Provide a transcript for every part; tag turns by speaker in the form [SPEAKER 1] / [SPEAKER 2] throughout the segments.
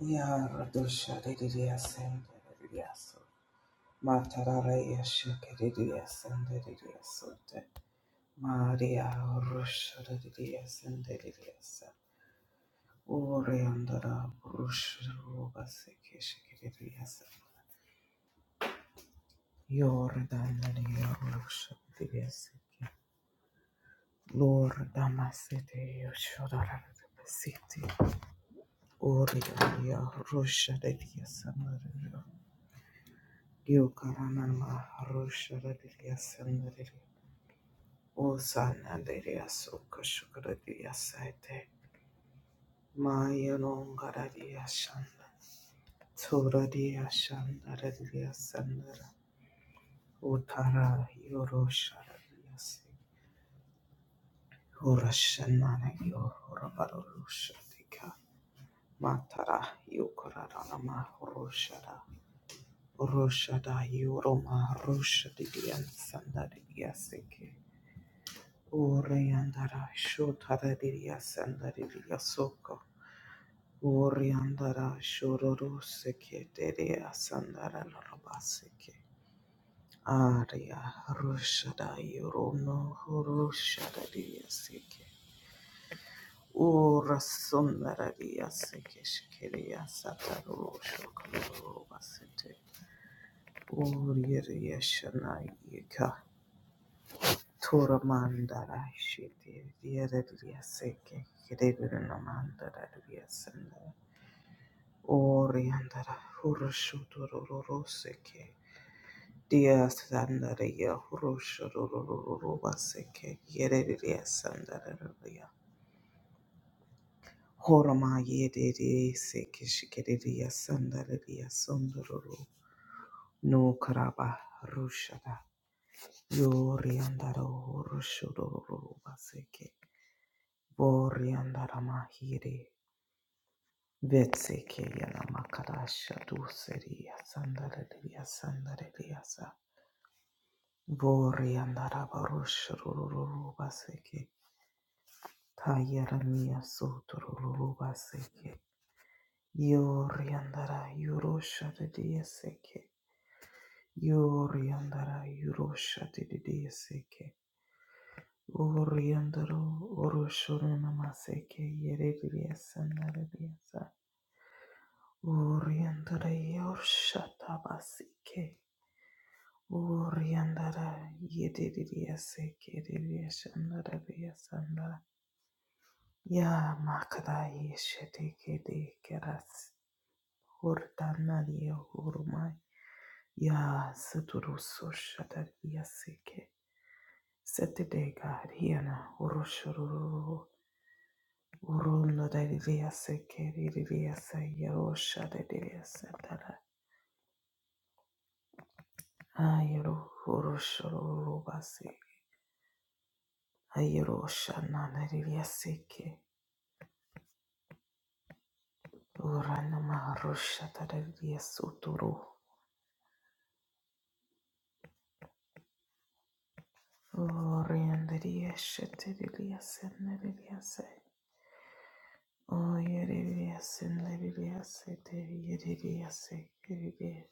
[SPEAKER 1] Ya Didias and Didias. Mataraya Shakadidias and Didias. Maria Rusha Didias and Didias. Oriandara Rusha Rubasiki Shakadidias. Yordan Maria Rusha Didias. Lord Damasete Yoshodara City. Oriandara Rusha Didias. Yokaranama Harusharadiya Sandari Osanandariya Sukashukaradiya Saite Maya Longaradiya Shanda Turadiya Shandaradiya Sandara Utara Yorosharadiya Se Horashanana Yorabarushadika Matara Yokaranama Horushada Roshada Yoroma Rushadiya Sandariya Seke Oriandara shotaradiya sandariya soko. Oriandara shororo seke dereya sandara lorobaseke. Aria rushada yorono horushadariya seke. Ora sundaradiya seke shikiriya sataro shokorobasete. Oriya shana yika Tora mandara shiti diya seke kiririna mandara yasenda oriandara hurushu turururu seke diya sandara ya hurushu turururu baseke yeridia sandara ya horama yediri seke shikiridia sandara ya sundururu no karaba rushada Yoriandaro Roshudoro Baseke Boriandara Mahiri Betseke Yalamakadasha Duseri Sandarelia Sandareliasa Boriandara Barushuru Baseke Tayarania Suturu Baseke Yoriandara Yurosha de Diaseke Yoriandara Yurosha de Diaseke Oriandaro Oroshurana Maseke Yerebiria Sandaria Oriandara Yoshata Basike Oriandara Yediria Seke Diria Sandaria Sanda Ya Makada Yesheteke de Keras Ordanaria Urmai Ya Saturuso Shataria Seke Sete de Gariana Oroshuru Urundo dadidiase keridiase yerosha dadidiase dada. Ayero urushoro urubasi. Ayerosha na dadidiase ke. Urana maharusha dadidiase uturu. Orianda diviyase te Oriandadiashe dadidiase nadidiase. Oyeridiase nadidiase dadidiase keridiase.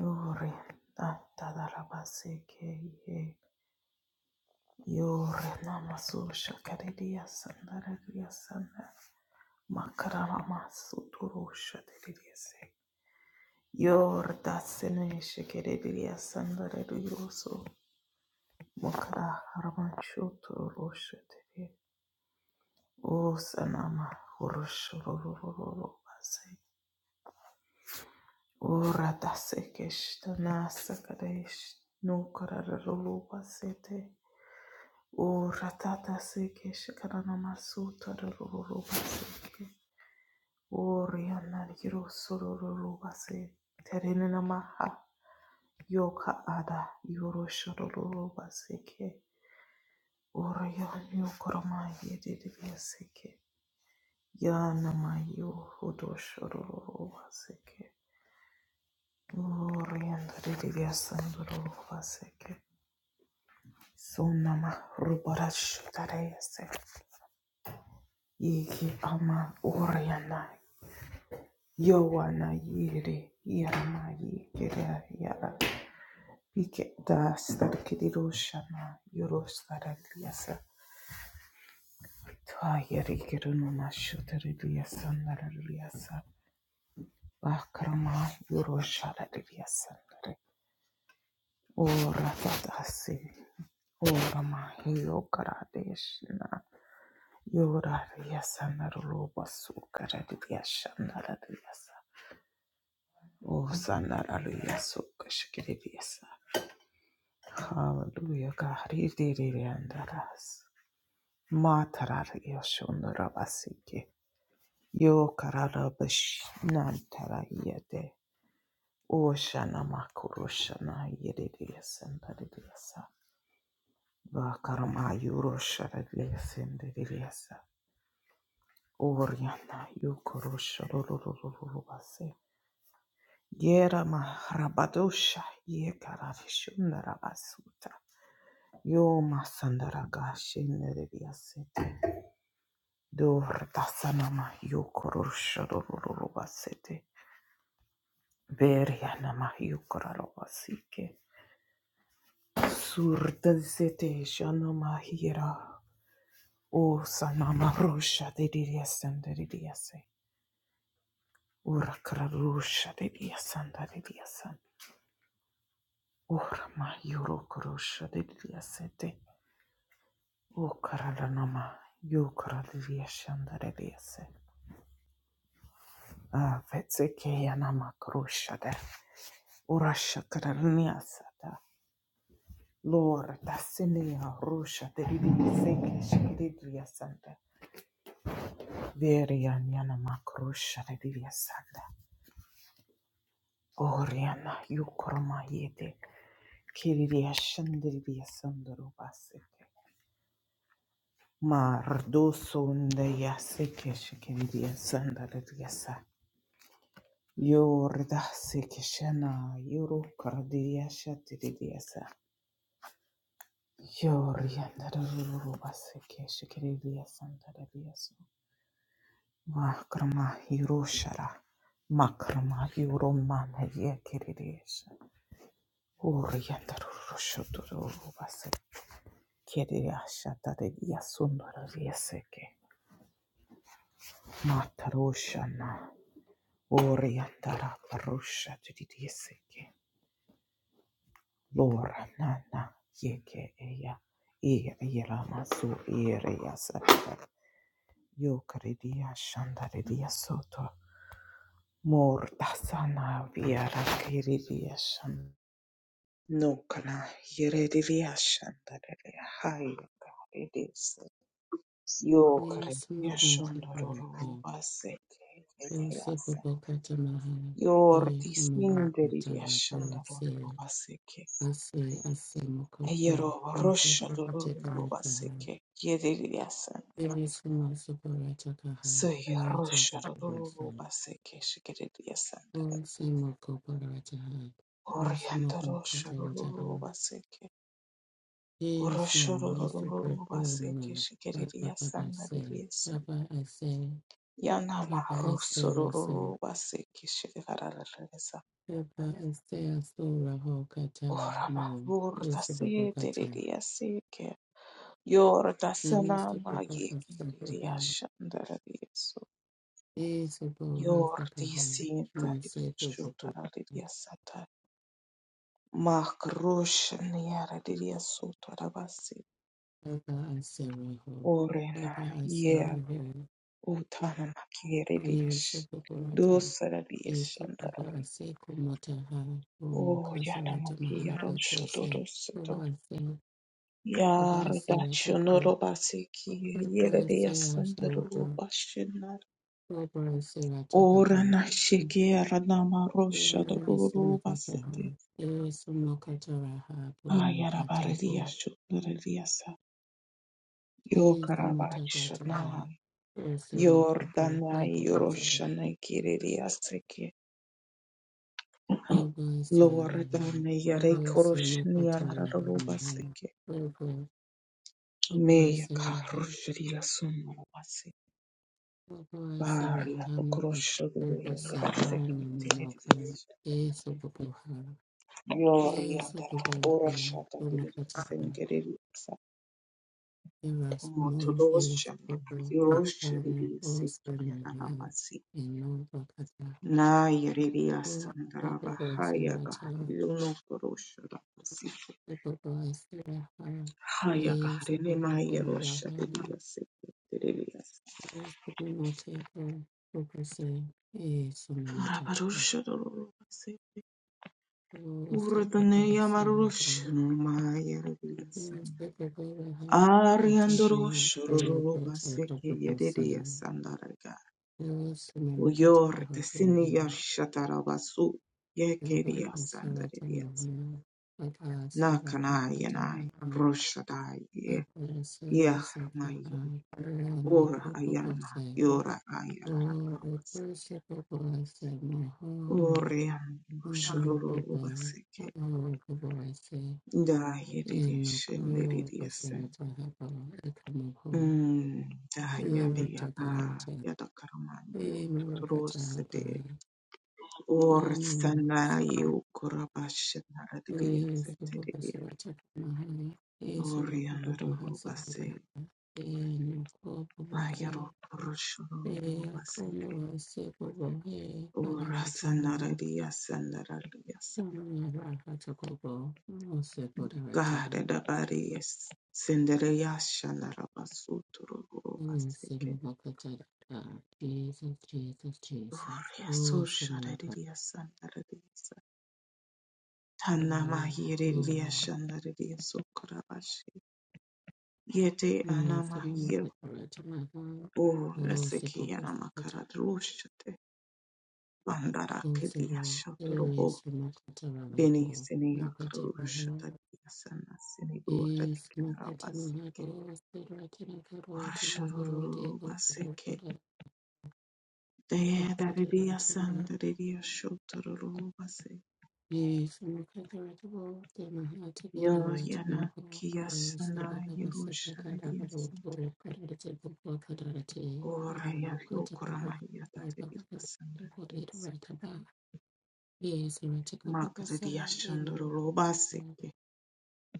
[SPEAKER 1] Orianda dadarabase ke ye. Yor nama suroshad kade diya sandaradiya sande, makara nama su toro shad kade diya se. Yor dasne shi kade diya sandaradiyo so, makara hara machuto roshad kade. O sa nama rosho ro ro ro ro basi. O ratase kesh tanasa kade shi, nu karar ro lo basi the. O ratatase kesh kana nama su toro ro lo basi ke. Oriana Girosororo Base Terenamaha Yoka Ada Yoroshororo Baseke Oriana Yokoroma Yedidibaseke Yanama Yohodoshororo Baseke Oriana Didibasandoro Baseke Sonama Rubarash Tarese Yiki Ama Oriana Yowana Yiri Yama Yikira Yara. Piketas tarkiroshana yoros taraliasa tayarikiranuma shutariliasa naraliasa bakrama yorosharaliasa nare ora tatasi ora mahiyo karadeshna yoraliasa naruloba sukaraliasa naraliasa osanaraliasa kashkiriasa Hallelujah, God. He did it and that us. Matarar yoshun rabasiki. yo Yokararabash Nantara Yede. Oshana Makurushana Yedidias and Dadidiasa. Vakarama Yuroshara Lias and Dadidiasa. Oriana Yukurusharubase. Yera Maharabadosha Yekararishunarabasuta. Yo Masandaragashi Nedidiasete. Dordasanama Yukurusharubasete. Beriana mahiukaralobasike. Surdazete shana mahira. O sanama rusha de diasanda de diase. Ura kararusha de diasanda de diasan. Ura mahiuro kurusha de diasete. O karalanama yukara de diasanda de diase. Avetze keyanama kurusha de. Ura shakaraniasata. Lord, that's in the Arusha, the Seke, Verianyana makrusha reviasanda. Oriana yukorma yete. Kiriria shandiriria sandoro basete. Mardo sonda yaseke shikiriria sandariria sa. Yorda seke shana yoro karadiria shatiriria sa. Yorianda rururu baseke shikiriria sandariria sa. Makrama yuroshara. Makrama yuromana yekiriria Orientaro Roshotoro Basa Kedia Shatade Yasundra Vieseke Mataroshana Orientara Parusha Tidieseke Lora nana Yeke Eya e Yeramasu Eria Sata Yokaridia Shandaria Soto Mortasana, No kana yeredia shandare hai yeredia. Yo, Siokre
[SPEAKER 2] Yesu
[SPEAKER 1] yashondororo
[SPEAKER 2] mkakariki,
[SPEAKER 1] baseke
[SPEAKER 2] Yosefu
[SPEAKER 1] edease.
[SPEAKER 2] bokata mahali,
[SPEAKER 1] Yordi
[SPEAKER 2] Yesu
[SPEAKER 1] sinderi
[SPEAKER 2] mwakata
[SPEAKER 1] yashondororo
[SPEAKER 2] mabosi,
[SPEAKER 1] baseke.
[SPEAKER 2] Ase ase mokoto,
[SPEAKER 1] Eyero
[SPEAKER 2] Musofu katika
[SPEAKER 1] roshadororo
[SPEAKER 2] mataha,
[SPEAKER 1] baseke yederiase.
[SPEAKER 2] Yesu masuparata kaha,
[SPEAKER 1] Soy
[SPEAKER 2] Mote
[SPEAKER 1] roshadororo
[SPEAKER 2] kabosi,
[SPEAKER 1] baseke shikerediasanda.
[SPEAKER 2] Ose mokoparata ha, Ose mokumkata
[SPEAKER 1] Oriandoroshadororo
[SPEAKER 2] rataha,
[SPEAKER 1] baseke.
[SPEAKER 2] Yesu, Yesu
[SPEAKER 1] Uroshodororo baseke
[SPEAKER 2] kakoni, Papa papa
[SPEAKER 1] shikerediasanda
[SPEAKER 2] se,
[SPEAKER 1] riese.
[SPEAKER 2] Papa I say,
[SPEAKER 1] Yanama
[SPEAKER 2] Papa ase
[SPEAKER 1] rosororo
[SPEAKER 2] rase,
[SPEAKER 1] baseke shikerediasa.
[SPEAKER 2] Eva Estea Sura Hokata
[SPEAKER 1] Orama
[SPEAKER 2] Mo
[SPEAKER 1] vurta se
[SPEAKER 2] Isabokata
[SPEAKER 1] teriria seke. Yorta sanama
[SPEAKER 2] Isaboko
[SPEAKER 1] yeki riria
[SPEAKER 2] Sabaha
[SPEAKER 1] shandara riesu.
[SPEAKER 2] Isabo
[SPEAKER 1] Yorti
[SPEAKER 2] Rasakaha
[SPEAKER 1] sinta riria
[SPEAKER 2] Isaboko
[SPEAKER 1] shutara riria sata. Makrusha niara riria sutara basi.
[SPEAKER 2] Eva Asera Ho Eva
[SPEAKER 1] Orena ye
[SPEAKER 2] Asera Ho
[SPEAKER 1] utana makere rish.
[SPEAKER 2] Isabokata
[SPEAKER 1] Dosara riria shandara
[SPEAKER 2] Isaboko
[SPEAKER 1] riria.
[SPEAKER 2] Aseko Motaha Omo
[SPEAKER 1] O yana
[SPEAKER 2] Kasarata
[SPEAKER 1] makia
[SPEAKER 2] Mahaka Kose
[SPEAKER 1] rosho
[SPEAKER 2] Eva Asera Eva Asera Tako
[SPEAKER 1] Yardachonorobasiki
[SPEAKER 2] Eva Asera Shoroko
[SPEAKER 1] Yeredeyasandarobashina
[SPEAKER 2] Eva Asera
[SPEAKER 1] Ora
[SPEAKER 2] Takaho
[SPEAKER 1] Nashiki Aranama Rosha
[SPEAKER 2] Yesu mukataha,
[SPEAKER 1] Dorobasete
[SPEAKER 2] Yesu mukataraha, po mukatapo,
[SPEAKER 1] Ayarabaridia Shudriasa
[SPEAKER 2] Yesu
[SPEAKER 1] Yokarabachana
[SPEAKER 2] mutadrataha, Yesu mukapo,
[SPEAKER 1] Yordanai
[SPEAKER 2] haipukata,
[SPEAKER 1] Yoroshana Kiririaseke
[SPEAKER 2] Oba seraha,
[SPEAKER 1] Loradana
[SPEAKER 2] Oba
[SPEAKER 1] Yarekoroshnia
[SPEAKER 2] semukataraha meha,
[SPEAKER 1] Rarobaseke
[SPEAKER 2] Oba, Oba
[SPEAKER 1] Meya
[SPEAKER 2] seraha,
[SPEAKER 1] Karushria
[SPEAKER 2] Oba
[SPEAKER 1] Varia
[SPEAKER 2] seraha mukata,
[SPEAKER 1] pokrosho
[SPEAKER 2] Oba serana mukana, Yesu bubuha,
[SPEAKER 1] Gloria
[SPEAKER 2] Yesu
[SPEAKER 1] ora
[SPEAKER 2] bubuha,
[SPEAKER 1] shata
[SPEAKER 2] Omakataha,
[SPEAKER 1] sengeri
[SPEAKER 2] There is no
[SPEAKER 1] motodosha
[SPEAKER 2] if over the
[SPEAKER 1] yorosha
[SPEAKER 2] carnivals
[SPEAKER 1] sekiara
[SPEAKER 2] and man
[SPEAKER 1] rabasi
[SPEAKER 2] in Novakata.
[SPEAKER 1] na yereria
[SPEAKER 2] Who
[SPEAKER 1] sandaraba
[SPEAKER 2] Superbo
[SPEAKER 1] haya gari
[SPEAKER 2] Seracha,
[SPEAKER 1] uno korosha rabasi
[SPEAKER 2] Superbo Seraha,
[SPEAKER 1] haya
[SPEAKER 2] Ye
[SPEAKER 1] gari ne
[SPEAKER 2] Superbo
[SPEAKER 1] maya rosha
[SPEAKER 2] Seraha,
[SPEAKER 1] deria sekiara
[SPEAKER 2] O Supermoteka, Superse, E Sumanotaka,
[SPEAKER 1] rabarosha dorobasi
[SPEAKER 2] O
[SPEAKER 1] ura tane
[SPEAKER 2] Superbo
[SPEAKER 1] yamarosha
[SPEAKER 2] Seraha, O Superbo Raha,
[SPEAKER 1] Ariandoro
[SPEAKER 2] Tatamo,
[SPEAKER 1] shororo baseke
[SPEAKER 2] Superbo
[SPEAKER 1] yedede
[SPEAKER 2] Seraha,
[SPEAKER 1] yasandaraga.
[SPEAKER 2] O Sumanakata
[SPEAKER 1] Uyor tesini
[SPEAKER 2] Rahobo
[SPEAKER 1] yashatarabasu
[SPEAKER 2] Thank
[SPEAKER 1] yekeri yasandaredias. Nakana yanai roshadai ye yahramayu. Ora ayana yora ayarabaseke. Oriandoro shororo baseke. Da yedede shenderedi yasen. Mm, da yadea a yadakaramanu totorosete Or Sandara
[SPEAKER 2] you.
[SPEAKER 1] you Kurabashana Adia
[SPEAKER 2] Ee sokopa
[SPEAKER 1] Setteria
[SPEAKER 2] sirata mahali. Ee sokopa
[SPEAKER 1] Orianaro
[SPEAKER 2] bahasa kudara.
[SPEAKER 1] Base
[SPEAKER 2] Ee nukopa bote.
[SPEAKER 1] Ayaro Roshoro
[SPEAKER 2] Ee akono
[SPEAKER 1] Baseke
[SPEAKER 2] wase bobo he
[SPEAKER 1] Or
[SPEAKER 2] kadarata
[SPEAKER 1] Sanara
[SPEAKER 2] moho.
[SPEAKER 1] Dia Sandara Dias
[SPEAKER 2] Tama ya raka tokobo. Mose kodarata.
[SPEAKER 1] Gare da Baries Senderia Shanara Basuturo
[SPEAKER 2] Ee
[SPEAKER 1] Baseke
[SPEAKER 2] simo mokata dada. Jesus, Jesus, Jesus.
[SPEAKER 1] Oria
[SPEAKER 2] Oh,
[SPEAKER 1] Susha
[SPEAKER 2] Simon,
[SPEAKER 1] Dia Sandara Dias Tanama
[SPEAKER 2] glory,
[SPEAKER 1] Hiria
[SPEAKER 2] glory.
[SPEAKER 1] Shandara Dias Ukurabashi Yete
[SPEAKER 2] Oh, Simon,
[SPEAKER 1] Anama
[SPEAKER 2] my God.
[SPEAKER 1] O
[SPEAKER 2] Oh,
[SPEAKER 1] Reseki
[SPEAKER 2] simo mokata
[SPEAKER 1] Yanamakararushate Bandara Kedia
[SPEAKER 2] Notable areas
[SPEAKER 1] Shatorobo
[SPEAKER 2] for
[SPEAKER 1] Beni
[SPEAKER 2] Makatarabo,
[SPEAKER 1] Sinia
[SPEAKER 2] Makatamaharo,
[SPEAKER 1] Karushata Yasana Sinibu
[SPEAKER 2] is
[SPEAKER 1] Ratikinabaseke
[SPEAKER 2] Makatamaharo, Federated Federatable,
[SPEAKER 1] Rasharuru
[SPEAKER 2] Debo,
[SPEAKER 1] Baseke
[SPEAKER 2] Federated,
[SPEAKER 1] Dea Daridia
[SPEAKER 2] Makatarabo,
[SPEAKER 1] Sandaridia Shotoro Base
[SPEAKER 2] is Makatarabo, the
[SPEAKER 1] Yo
[SPEAKER 2] Mahatigate,
[SPEAKER 1] Yana
[SPEAKER 2] Ratamaho, is the
[SPEAKER 1] Kiasana
[SPEAKER 2] Bagava
[SPEAKER 1] Yerushadiasi
[SPEAKER 2] Secretary, Federated Bokadarati,
[SPEAKER 1] Ora
[SPEAKER 2] Makatabaka,
[SPEAKER 1] Yokuramaya Daridia
[SPEAKER 2] Republic, Deported
[SPEAKER 1] Sandarias
[SPEAKER 2] Rataba, is Rataka Babasa,
[SPEAKER 1] Makadiashandoro Baseke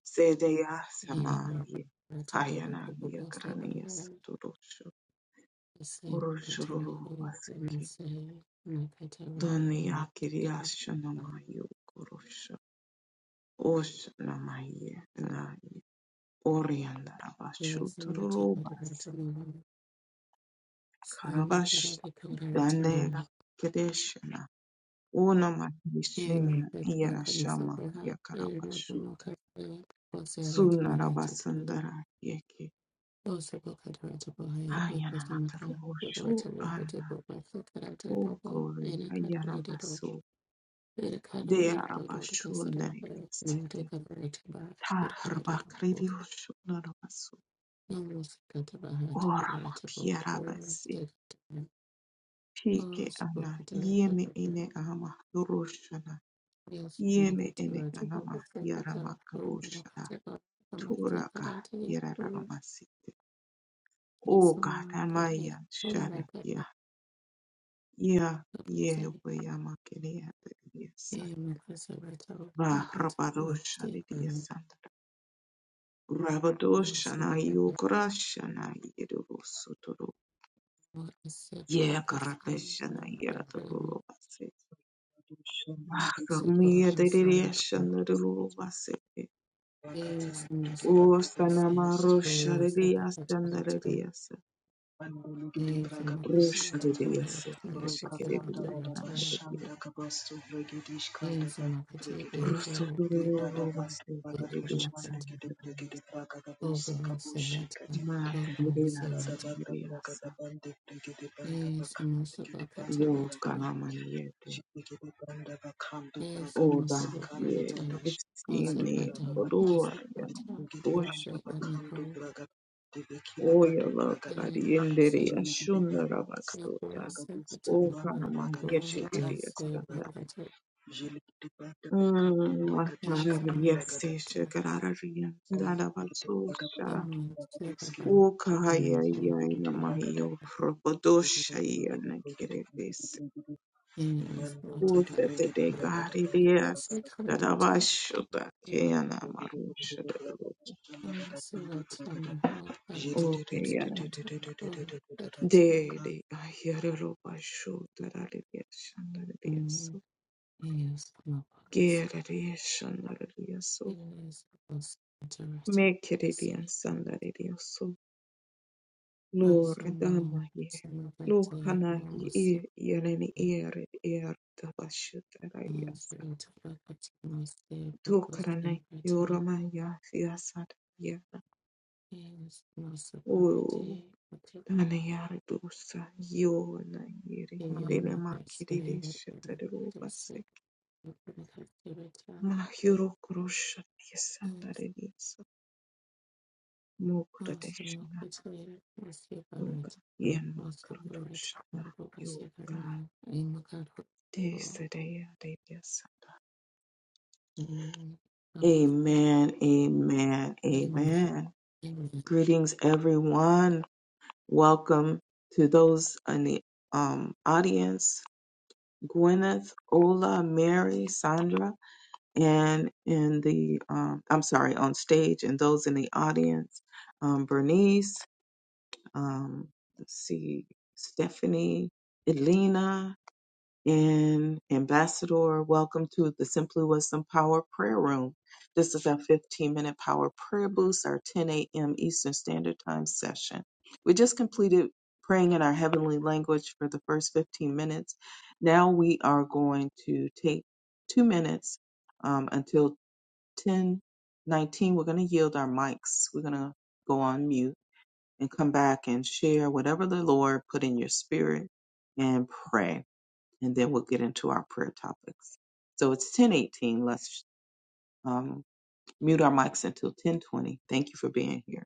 [SPEAKER 1] Sedeya
[SPEAKER 2] Amen.
[SPEAKER 1] samayi
[SPEAKER 2] I tell the
[SPEAKER 1] hayana
[SPEAKER 2] people to stay by
[SPEAKER 1] yakraniya
[SPEAKER 2] her.
[SPEAKER 1] sudurushu
[SPEAKER 2] The same Kateri
[SPEAKER 1] urushururu
[SPEAKER 2] Ho, and the
[SPEAKER 1] masiki
[SPEAKER 2] same Kateri
[SPEAKER 1] doniya
[SPEAKER 2] Ho, stay by
[SPEAKER 1] kiriyashu
[SPEAKER 2] her.
[SPEAKER 1] namayu kurushu ush namayi nayi oriandara bashu
[SPEAKER 2] Yes, and I
[SPEAKER 1] tururu
[SPEAKER 2] check out the right
[SPEAKER 1] basi
[SPEAKER 2] to know. So my
[SPEAKER 1] karabash
[SPEAKER 2] God, I think what I was
[SPEAKER 1] dandega
[SPEAKER 2] wrong.
[SPEAKER 1] kideshna
[SPEAKER 2] And
[SPEAKER 1] unamahishinya
[SPEAKER 2] I think about
[SPEAKER 1] yana
[SPEAKER 2] cutting
[SPEAKER 1] shama
[SPEAKER 2] super high. And I don't know,
[SPEAKER 1] yakarabashuta
[SPEAKER 2] cut the what's the right to know how to take it out.
[SPEAKER 1] sunarabasandara yeki
[SPEAKER 2] Also, go cut the right to go high. It
[SPEAKER 1] hayana
[SPEAKER 2] was the Maka. The right
[SPEAKER 1] matarushu
[SPEAKER 2] to know how to
[SPEAKER 1] ana
[SPEAKER 2] go back. So, cut out the
[SPEAKER 1] Oh,
[SPEAKER 2] bubble.
[SPEAKER 1] glory.
[SPEAKER 2] And I cut the right to go.
[SPEAKER 1] Ayaramaso.
[SPEAKER 2] Ele caro
[SPEAKER 1] De
[SPEAKER 2] ele rodou de cansar não te
[SPEAKER 1] arabashunaririasete.
[SPEAKER 2] cabra te ba ele coro de do ho
[SPEAKER 1] Tarbakririushunarabaso.
[SPEAKER 2] não você canta ba hat coro te bo ho
[SPEAKER 1] Oramakiarabase.
[SPEAKER 2] te o
[SPEAKER 1] Pike
[SPEAKER 2] se bo
[SPEAKER 1] ana.
[SPEAKER 2] canta te ba
[SPEAKER 1] Yeme ene
[SPEAKER 2] bo
[SPEAKER 1] ama. Roshana.
[SPEAKER 2] eu se bo
[SPEAKER 1] Yeme ene
[SPEAKER 2] canta te bo o
[SPEAKER 1] anama.
[SPEAKER 2] se canta o não
[SPEAKER 1] Yaramakuroshana.
[SPEAKER 2] canta ba a mãe se cara
[SPEAKER 1] Turaka.
[SPEAKER 2] te o
[SPEAKER 1] Yararamasete. Oh,
[SPEAKER 2] isso ma
[SPEAKER 1] God.
[SPEAKER 2] care
[SPEAKER 1] Amaya.
[SPEAKER 2] o não
[SPEAKER 1] Share.
[SPEAKER 2] canta
[SPEAKER 1] Ya. Ya.
[SPEAKER 2] o se
[SPEAKER 1] Yewe yamakiria. Yes.
[SPEAKER 2] e me casa ba te o não canta o
[SPEAKER 1] Rabarosha.
[SPEAKER 2] se o
[SPEAKER 1] Yes.
[SPEAKER 2] se
[SPEAKER 1] Rabadoshana
[SPEAKER 2] ba te
[SPEAKER 1] Yukrashana Yedusuturu
[SPEAKER 2] o se ba
[SPEAKER 1] Yakarapeshana
[SPEAKER 2] canta o
[SPEAKER 1] Yatabase
[SPEAKER 3] Libra
[SPEAKER 2] Yes,
[SPEAKER 1] Samia Dediashana Rubase O Sanama Rosharidia Sandaradias Rosharidia Sekne Shikiridia Sandaria Rosuturu Rubase Piridia Sandaria Mataridia
[SPEAKER 3] da banda bragada
[SPEAKER 1] Sandariasa
[SPEAKER 3] bande brigede banda bakande brigede bando
[SPEAKER 1] Yo
[SPEAKER 3] bragada
[SPEAKER 1] Kanama
[SPEAKER 3] Jigiri banda bakandu bragadu
[SPEAKER 1] oda
[SPEAKER 3] sikali
[SPEAKER 1] ye
[SPEAKER 3] bradash badu
[SPEAKER 1] giftini
[SPEAKER 3] bragada
[SPEAKER 1] bodua yana
[SPEAKER 3] jigiri banda
[SPEAKER 1] krosha
[SPEAKER 3] bakandu bragada devekila
[SPEAKER 1] oya
[SPEAKER 3] badu
[SPEAKER 1] la
[SPEAKER 3] bragada
[SPEAKER 1] pariendere
[SPEAKER 3] zuligiri
[SPEAKER 1] ashunda
[SPEAKER 3] banda
[SPEAKER 2] The
[SPEAKER 1] rabasota
[SPEAKER 2] voice of the
[SPEAKER 3] bagaduski
[SPEAKER 1] o
[SPEAKER 3] bandu
[SPEAKER 1] kana
[SPEAKER 2] temple,
[SPEAKER 3] bragadushki
[SPEAKER 1] mahiyete
[SPEAKER 2] God
[SPEAKER 3] tabu
[SPEAKER 2] is the
[SPEAKER 1] didiyastanda
[SPEAKER 3] bragada
[SPEAKER 2] mighty,
[SPEAKER 3] jiligiri banda bakandu
[SPEAKER 2] he
[SPEAKER 3] bragadish
[SPEAKER 1] mahara
[SPEAKER 2] is
[SPEAKER 3] kadu bragada
[SPEAKER 1] riyase
[SPEAKER 2] omnipotent,
[SPEAKER 1] shakarara riyanda
[SPEAKER 3] jigiri bagada
[SPEAKER 1] rabasosha
[SPEAKER 3] bandu
[SPEAKER 2] in me, Shiva,
[SPEAKER 3] bragaduski la
[SPEAKER 1] o
[SPEAKER 3] tabu
[SPEAKER 2] in
[SPEAKER 1] kahaya
[SPEAKER 2] the whole
[SPEAKER 1] yana
[SPEAKER 3] jigiri
[SPEAKER 2] temple,
[SPEAKER 3] bragada
[SPEAKER 1] mahiyo
[SPEAKER 3] jigiri
[SPEAKER 1] robodosha
[SPEAKER 3] bragada
[SPEAKER 1] yana
[SPEAKER 3] bragada
[SPEAKER 1] kiredese
[SPEAKER 3] bragada
[SPEAKER 2] in his mother,
[SPEAKER 1] o sete de
[SPEAKER 2] Karama,
[SPEAKER 1] gari riyas
[SPEAKER 2] Vasa, Karata,
[SPEAKER 1] Dadabashota Kayana Marusha
[SPEAKER 2] in Sivata, Mahabhat,
[SPEAKER 1] Okay,
[SPEAKER 2] Sivata, Sekata,
[SPEAKER 1] De de ayarelo basho
[SPEAKER 2] in
[SPEAKER 1] darariyashandariyasho
[SPEAKER 2] his Mabakas,
[SPEAKER 1] gerariyashandariyasho
[SPEAKER 2] in his Vasanta, Rata,
[SPEAKER 1] mekeriyashandariyasho
[SPEAKER 2] Rasa,
[SPEAKER 1] lore damaye lo
[SPEAKER 2] Mahabhat,
[SPEAKER 1] hanahi e yareni ere er tabasho
[SPEAKER 2] means
[SPEAKER 1] darayasa
[SPEAKER 2] great property must be focused
[SPEAKER 1] dokarane
[SPEAKER 2] every time.
[SPEAKER 1] yoramaya siyasat yana
[SPEAKER 2] Hence, no separate
[SPEAKER 1] o
[SPEAKER 2] Amen.
[SPEAKER 1] dane yar dosa yo na yere yere
[SPEAKER 2] I say, representative,
[SPEAKER 1] makiriyashandariyasho
[SPEAKER 2] representative,
[SPEAKER 1] Mahiro kurusha yesanda
[SPEAKER 2] Hence,
[SPEAKER 1] ririso
[SPEAKER 2] also no criteria must
[SPEAKER 1] yoga
[SPEAKER 2] separate.
[SPEAKER 1] yenma
[SPEAKER 2] Must separate
[SPEAKER 1] karudushna
[SPEAKER 2] and focus separate.
[SPEAKER 1] yoga
[SPEAKER 2] I'm comfortable.
[SPEAKER 1] desadeya deyasanda. Amen, amen,
[SPEAKER 2] Amen.
[SPEAKER 1] amen. Greetings, everyone. Welcome to those in the um, audience. Gwyneth, Ola, Mary, Sandra, and in the, um, I'm sorry, on stage, and those in the audience, um, Bernice, um, let's see, Stephanie, Elena, and Ambassador. Welcome to the Simply Wisdom Power Prayer Room. This is our 15 minute power prayer boost, our 10 a.m. Eastern Standard Time session. We just completed praying in our heavenly language for the first 15 minutes. Now we are going to take two minutes um, until 10:19. We're going to yield our mics. We're going to go on mute and come back and share whatever the Lord put in your spirit and pray. And then we'll get into our prayer topics. So it's 1018. Let's um, mute our mics until 1020. Thank you for being here.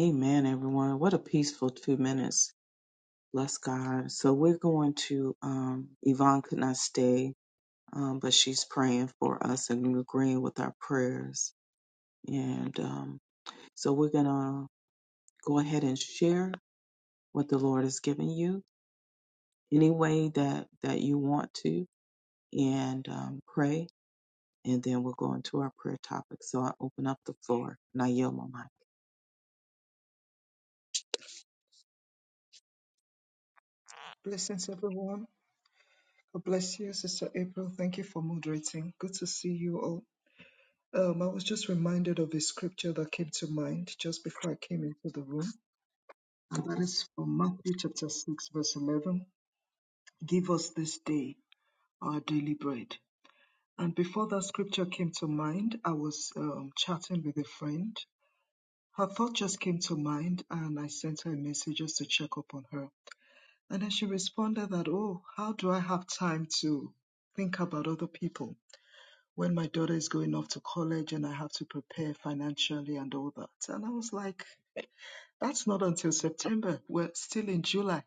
[SPEAKER 1] Amen, everyone. What a peaceful two minutes. Bless God. So we're going to, um, Yvonne could not stay, um, but she's praying for us and agreeing with our prayers. And um, so we're going to go ahead and share what the Lord has given you, any way that that you want to, and um, pray, and then we'll go into our prayer topic. So I open up the floor and I yield my mic.
[SPEAKER 3] Blessings, everyone. God bless you, Sister April. Thank you for moderating. Good to see you all. Um, I was just reminded of a scripture that came to mind just before I came into the room, and that is from Matthew chapter 6, verse 11. Give us this day our daily bread. And before that scripture came to mind, I was um, chatting with a friend. Her thought just came to mind, and I sent her a message just to check up on her. And then she responded that, Oh, how do I have time to think about other people when my daughter is going off to college and I have to prepare financially and all that? And I was like, That's not until September. We're still in July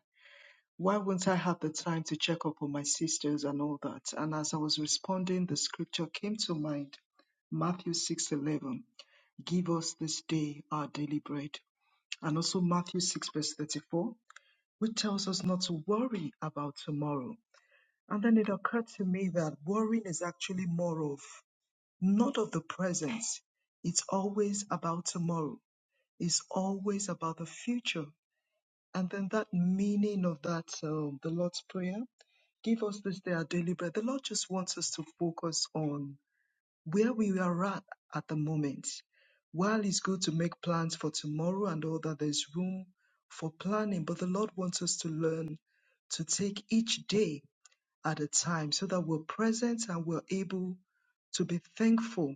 [SPEAKER 3] why won't I have the time to check up on my sisters and all that? And as I was responding, the scripture came to mind, Matthew 6:11, give us this day our daily bread. And also Matthew 6 verse 34, which tells us not to worry about tomorrow. And then it occurred to me that worrying is actually more of not of the present. It's always about tomorrow. It's always about the future. And then that meaning of that, um, the Lord's Prayer, Give us this day our daily bread. The Lord just wants us to focus on where we are at at the moment. While it's good to make plans for tomorrow and all that, there's room for planning, but the Lord wants us to learn to take each day at a time so that we're present and we're able to be thankful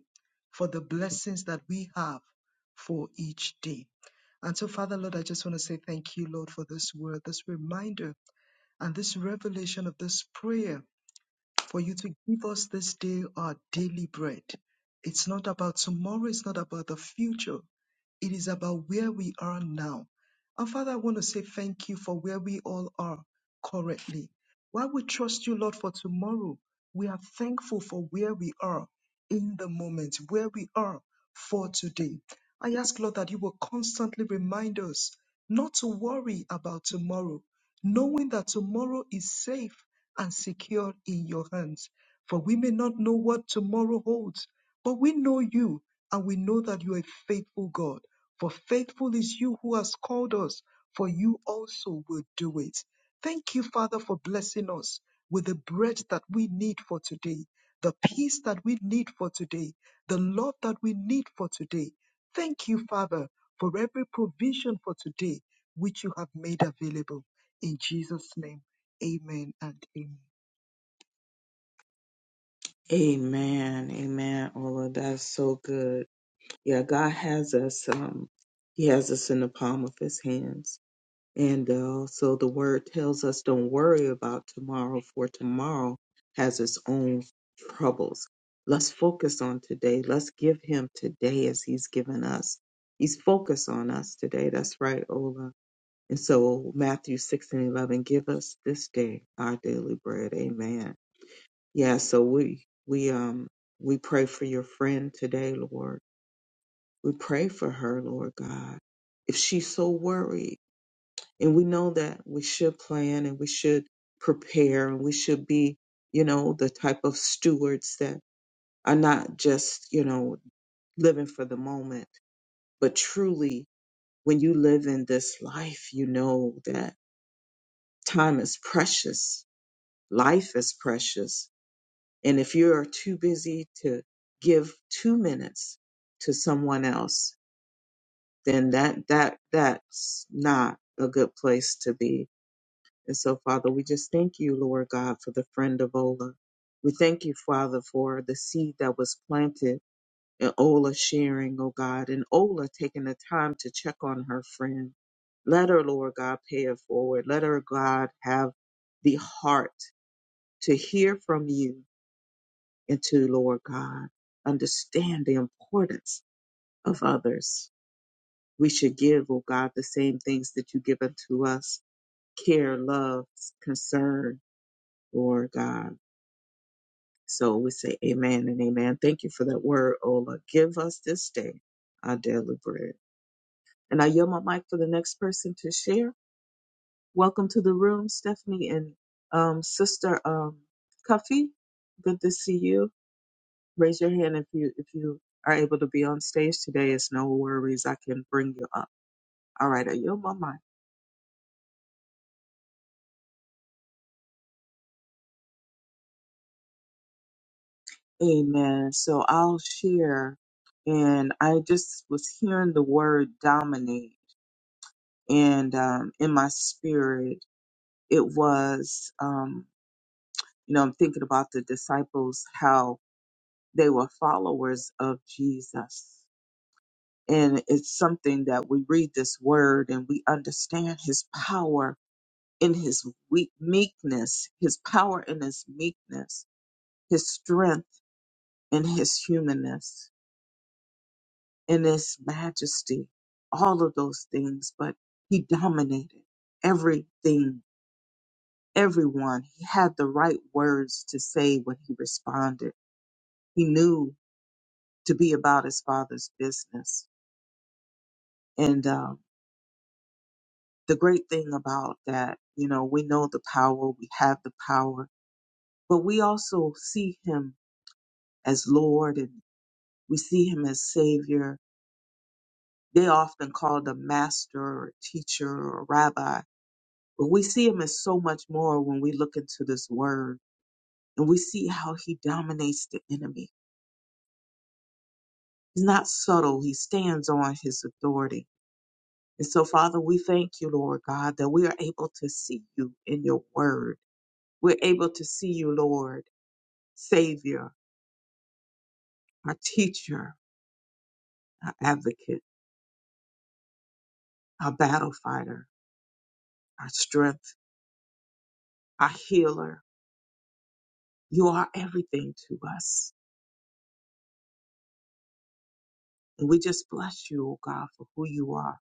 [SPEAKER 3] for the blessings that we have for each day. And so, Father, Lord, I just want to say thank you, Lord, for this word, this reminder, and this revelation of this prayer for you to give us this day our daily bread. It's not about tomorrow, it's not about the future. It is about where we are now. And Father, I want to say thank you for where we all are currently. While we trust you, Lord, for tomorrow, we are thankful for where we are in the moment, where we are for today. I ask, Lord, that you will constantly remind us not to worry about tomorrow, knowing that tomorrow is safe and secure in your hands. For we may not know what tomorrow holds, but we know you and we know that you are a faithful God. For faithful is you who has called us, for you also will do it. Thank you, Father, for blessing us with the bread that we need for today, the peace that we need for today, the love that we need for today. Thank you, Father, for every provision for today which you have made available. In Jesus' name. Amen and amen.
[SPEAKER 1] Amen. Amen. Ola, that's so good. Yeah, God has us, um, He has us in the palm of His hands. And uh, also, the word tells us don't worry about tomorrow, for tomorrow has its own troubles. Let's focus on today. Let's give him today as he's given us. He's focused on us today. That's right, Ola. And so, Matthew 6 and 11, give us this day our daily bread. Amen. Yeah, so we, we, um, we pray for your friend today, Lord. We pray for her, Lord God. If she's so worried, and we know that we should plan and we should prepare and we should be, you know, the type of stewards that are not just, you know, living for the moment, but truly when you live in this life, you know that time is precious. Life is precious. And if you are too busy to give two minutes to someone else, then that, that, that's not a good place to be And so, Father, we just thank you, Lord God, for the friend of Ola. We thank you, Father, for the seed that was planted and Ola sharing, oh God, and Ola taking the time to check on her friend. Let her, Lord God, pay it forward. Let her, God, have the heart to hear from you and to, Lord God, understand the importance of others. We should give, oh God, the same things that you give unto us care, love, concern, Lord God. So we say amen and amen. Thank you for that word, Ola. Give us this day our daily bread. And I yield my mic for the next person to share. Welcome to the room, Stephanie and um, Sister um, Cuffy. Good to see you. Raise your hand if you if you are able to be on stage today. It's no worries. I can bring you up. All right, I yield my mic. Amen. So I'll share. And I just was hearing the word dominate, and um, in my spirit. it was, um, you know, I'm thinking about the disciples, how they were followers of Jesus. And it's something that we read this word and we understand his power in his weak meekness, his power in his meekness, his strength in his humanness, in his majesty, all of those things. But he dominated everything, everyone. He had the right words to say when he responded he knew to be about his father's business. And um, the great thing about that, you know, we know the power, we have the power, but we also see him as Lord and we see him as Savior. They often call the master or teacher or rabbi, but we see him as so much more when we look into this word and we see how he dominates the enemy. He's not subtle. He stands on his authority And so, Father, we thank you, Lord God, that we are able to see you in your word. We're able to see you, Lord, Savior, our teacher, our advocate, our battle fighter, our strength, our healer. You are everything to us. And we just bless you, O God, for who you are.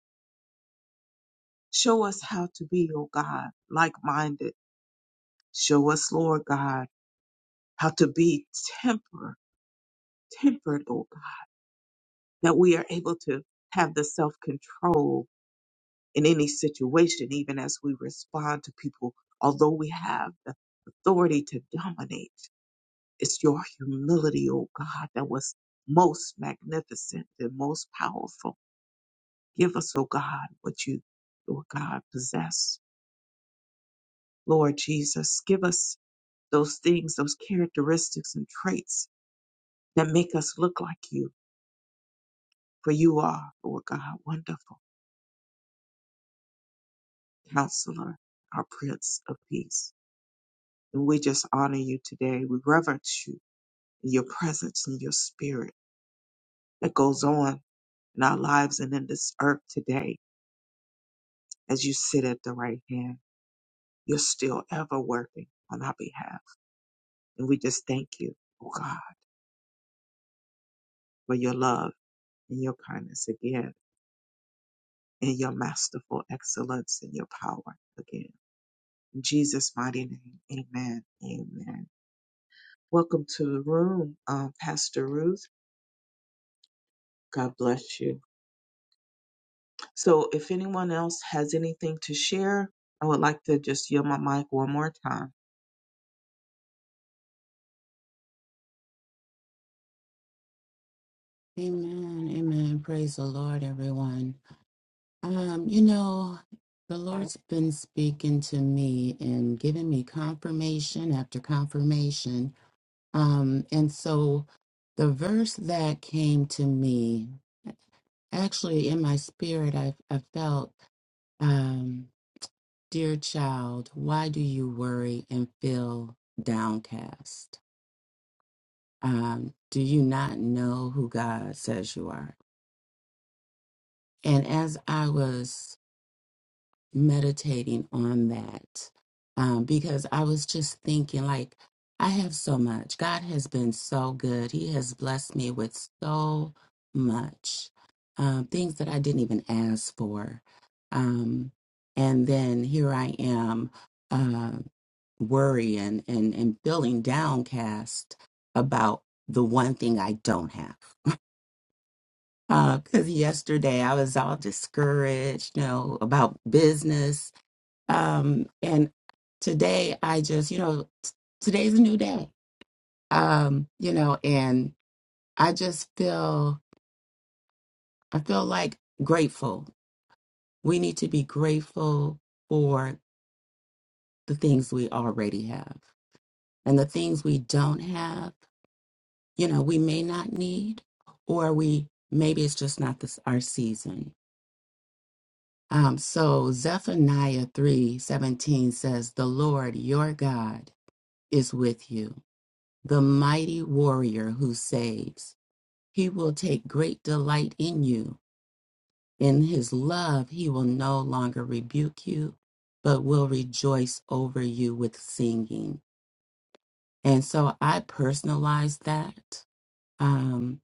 [SPEAKER 1] Show us how to be, O God, like minded. Show us, Lord God, how to be temper, tempered, O God, that we are able to have the self control in any situation, even as we respond to people, although we have the authority to dominate. It's your humility, oh God, that was most magnificent and most powerful. Give us, oh God, what you, oh God, possess. Lord Jesus, give us those things, those characteristics and traits that make us look like you. For you are, Lord God, wonderful counselor, our Prince of Peace. And we just honor you today. We reverence you. and your presence and your spirit that goes on in our lives and in this earth today as you sit at the right hand. You're still ever working on our behalf. And we just thank you, oh God, for your love and your kindness again and your masterful excellence and your power again. In Jesus' mighty name, amen. Amen. Welcome to the room, um, Pastor Ruth. God bless you. So if anyone else has anything to share, I would like to just yield my mic one more time.
[SPEAKER 2] Amen. Amen. Praise the Lord, everyone. Um, you know, the Lord's been speaking to me and giving me confirmation after confirmation. Um, and so the verse that came to me, actually in my spirit, I, I felt, um, dear child, why do you worry and feel downcast? Um, do you not know who God says you are? And as I was meditating on that um, because I was just thinking, like, I have so much. God has been so good. He has blessed me with so much um, things that I didn't even ask for. Um, and then here I am uh, worrying and, and feeling downcast about the one thing I don't have. Because yesterday I was all discouraged, you know, about business um, and today I just, you know, t- today's a new day. Um, you know, and I just feel, I feel like grateful. We need to be grateful for the things we already have and the things we don't have, you know, we may not need, or we, maybe it's just not this, our season. Um, so Zephaniah 3:17 says, "The Lord your God is with you. the mighty warrior who saves. He will take great delight in you. In his love, he will no longer rebuke you, but will rejoice over you with singing. And so I personalized that. Um,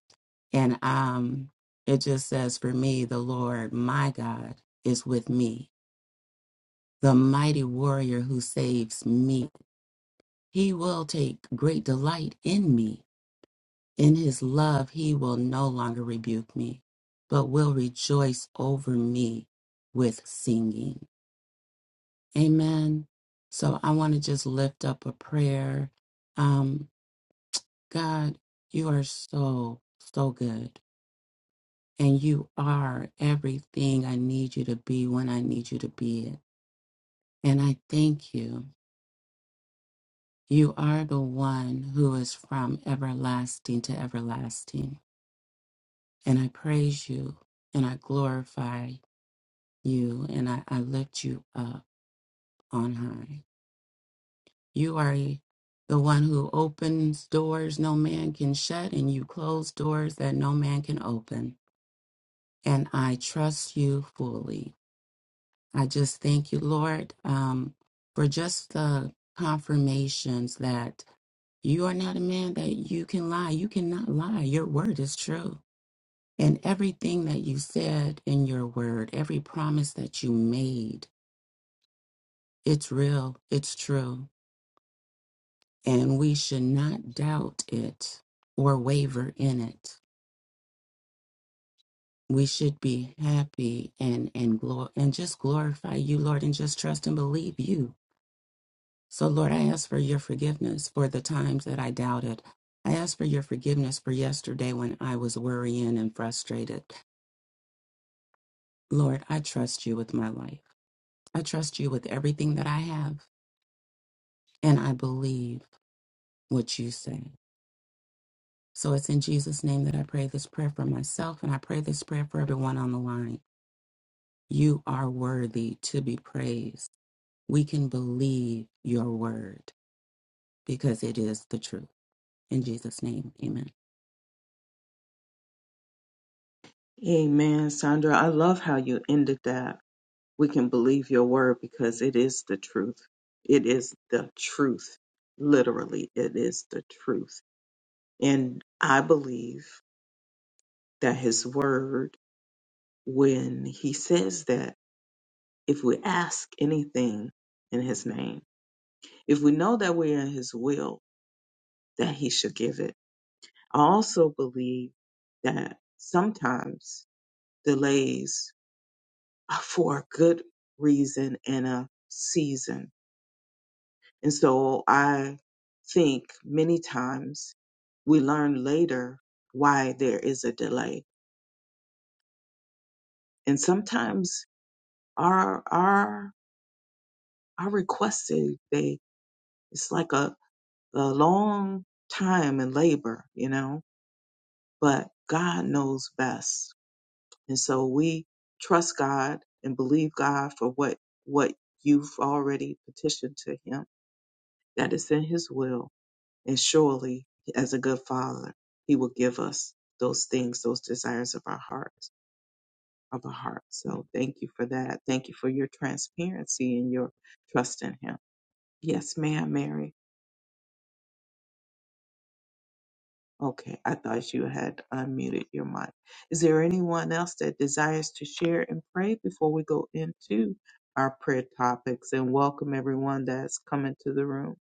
[SPEAKER 2] and um, it just says, For me, the Lord, my God, is with me, the mighty warrior who saves me. He will take great delight in me. In his love, he will no longer rebuke me, but will rejoice over me with singing. Amen. So I want to just lift up a prayer. Um, God, you are so, so good. And you are everything I need you to be when I need you to be it. And I thank you. You are the one who is from everlasting to everlasting. And I praise you and I glorify you and I, I lift you up on high. You are e, the one who opens doors no man can shut, and you close doors that no man can open. And I trust you fully. I just thank you, Lord, um, for just the confirmations that you are not a man that you can lie. You cannot lie. Your word is true. And everything that you said in your word, every promise that you made, it's real, it's true and we should not doubt it or waver in it. We should be happy and and glor- and just glorify you, Lord, and just trust and believe you. So, Lord, I ask for your forgiveness for the times that I doubted. I ask for your forgiveness for yesterday when I was worrying and frustrated. Lord, I trust you with my life. I trust you with everything that I have, and I believe what you say. So it's in Jesus' name that I pray this prayer for myself, and I pray this prayer for everyone on the line. You are worthy to be praised. We can believe your word because it is the truth. In Jesus' name, amen.
[SPEAKER 1] Amen, Sandra. I love how you ended that. We can believe your word because it is the truth. It is the truth. Literally, it is the truth. And I believe that his word, when he says that, if we ask anything in his name, if we know that we're in his will, that he should give it. I also believe that sometimes delays uh, for a good reason and a season. And so I think many times we learn later why there is a delay. And sometimes our our our requests they they- it's like a, a long time and labor, you know, but God knows best. And so we trust God and believe God for what what you've already petitioned to him that is in his will And surely, as a good father, he will give us those things, those desires of our hearts, of our hearts. So thank you for that. Thank you for your transparency and your trust in him. Yes, ma'am, Mary. Okay, I thought you had unmuted your mic. Is there anyone else that desires to share and pray before we go into our prayer topics? And welcome everyone that's coming to the room.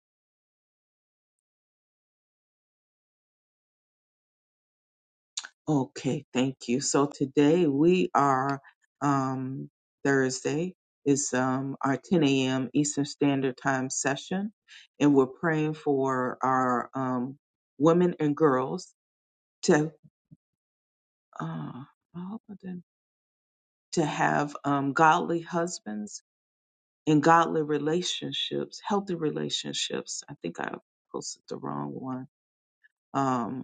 [SPEAKER 1] Okay, thank you. So today we are um, Thursday is um, our 10 a.m. Eastern Standard Time session, and we're praying for our um, women and girls to uh, oh, I didn't- to have um, godly husbands and godly relationships, healthy relationships. I think I posted the wrong one. Um,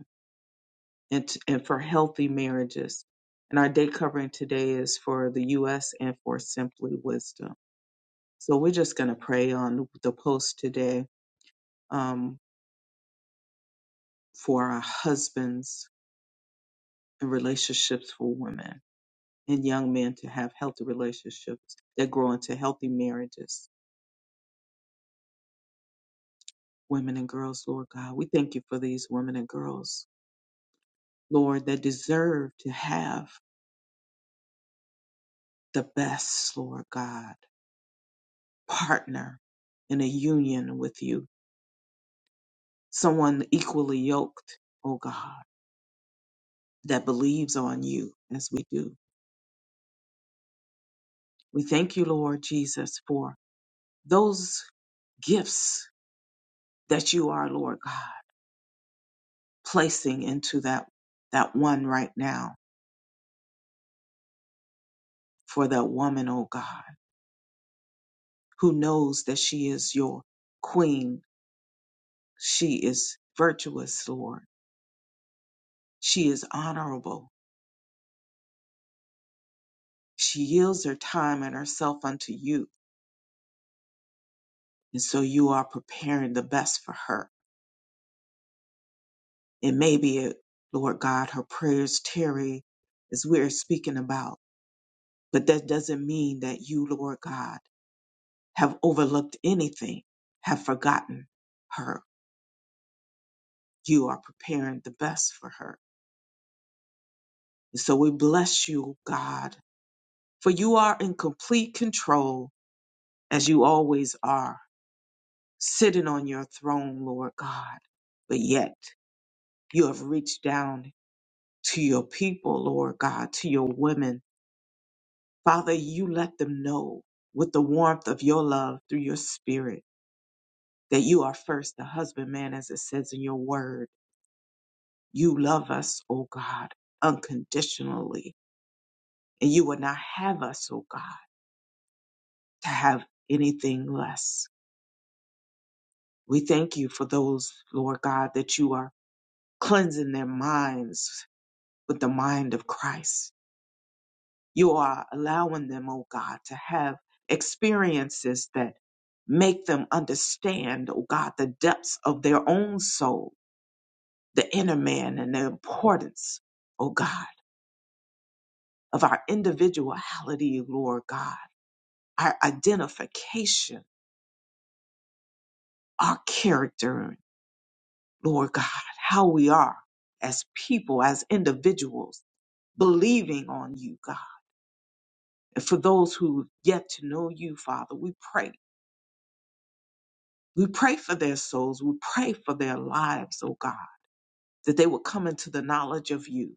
[SPEAKER 1] and, t- and for healthy marriages. And our day covering today is for the U.S. and for Simply Wisdom. So we're just going to pray on the post today um, for our husbands and relationships for women and young men to have healthy relationships that grow into healthy marriages. Women and girls, Lord God, we thank you for these women and girls, Lord, that deserve to have the best, Lord God, partner in a union with you someone equally yoked, oh God, that believes on you as we do. We thank you, Lord Jesus, for those gifts that you are, Lord God, placing into that that one right now for that woman, oh God, who knows that she is your queen. She is virtuous, Lord. She is honorable. She yields her time and herself unto you. And so you are preparing the best for her And maybe it, Lord God, her prayers tarry as we're speaking about. But that doesn't mean that you, Lord God, have overlooked anything, have forgotten her. You are preparing the best for her. And so we bless you, God, for you are in complete control as you always are, sitting on your throne, Lord God. But yet you have reached down to your people, Lord God, to your women Father, you let them know with the warmth of your love through your spirit that you are first the husbandman, as it says in your word. You love us, O God, unconditionally, and you would not have us, O God, to have anything less. We thank you for those, Lord God, that you are cleansing their minds with the mind of Christ You are allowing them, oh God, to have experiences that make them understand, oh God, the depths of their own soul, the inner man, and the importance, oh God, of our individuality, Lord God, our identification, our character, Lord God, how we are as people, as individuals, believing on you, God. And for those who yet to know you, Father, we pray We pray for their souls. We pray for their lives, oh God, that they will come into the knowledge of you,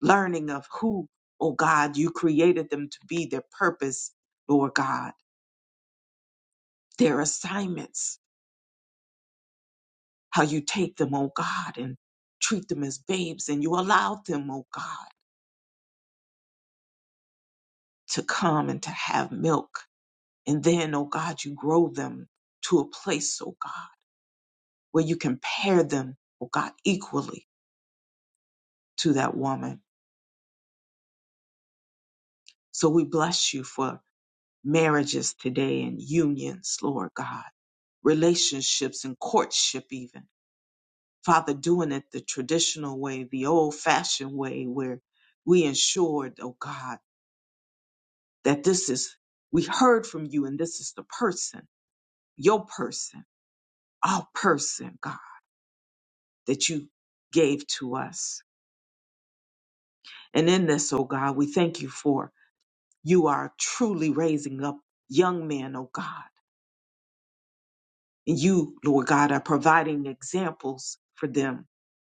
[SPEAKER 1] learning of who, oh God, you created them to be, their purpose, Lord God, their assignments, how you take them, oh God, and treat them as babes, and you allow them, oh God, to come and to have milk. And then, oh God, you grow them to a place, oh God, where you compare them, oh God, equally to that woman. So we bless you for marriages today and unions, Lord God, relationships and courtship, even. Father, doing it the traditional way, the old fashioned way, where we ensured, oh God, that this is, we heard from you and this is the person, your person, our person, God, that you gave to us. And in this, oh God, we thank you for you are truly raising up young men, oh God And you, Lord God, are providing examples for them,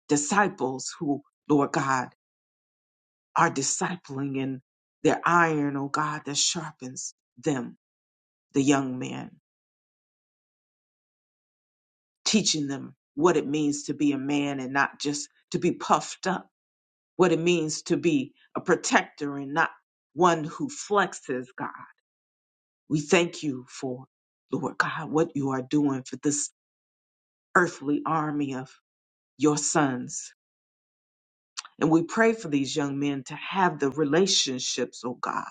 [SPEAKER 1] disciples who, Lord God, are discipling in their iron, oh God, that sharpens them, the young man, teaching them what it means to be a man and not just to be puffed up, what it means to be a protector and not one who flexes, God. We thank you for, Lord God, what you are doing for this earthly army of your sons And we pray for these young men to have the relationships, oh God,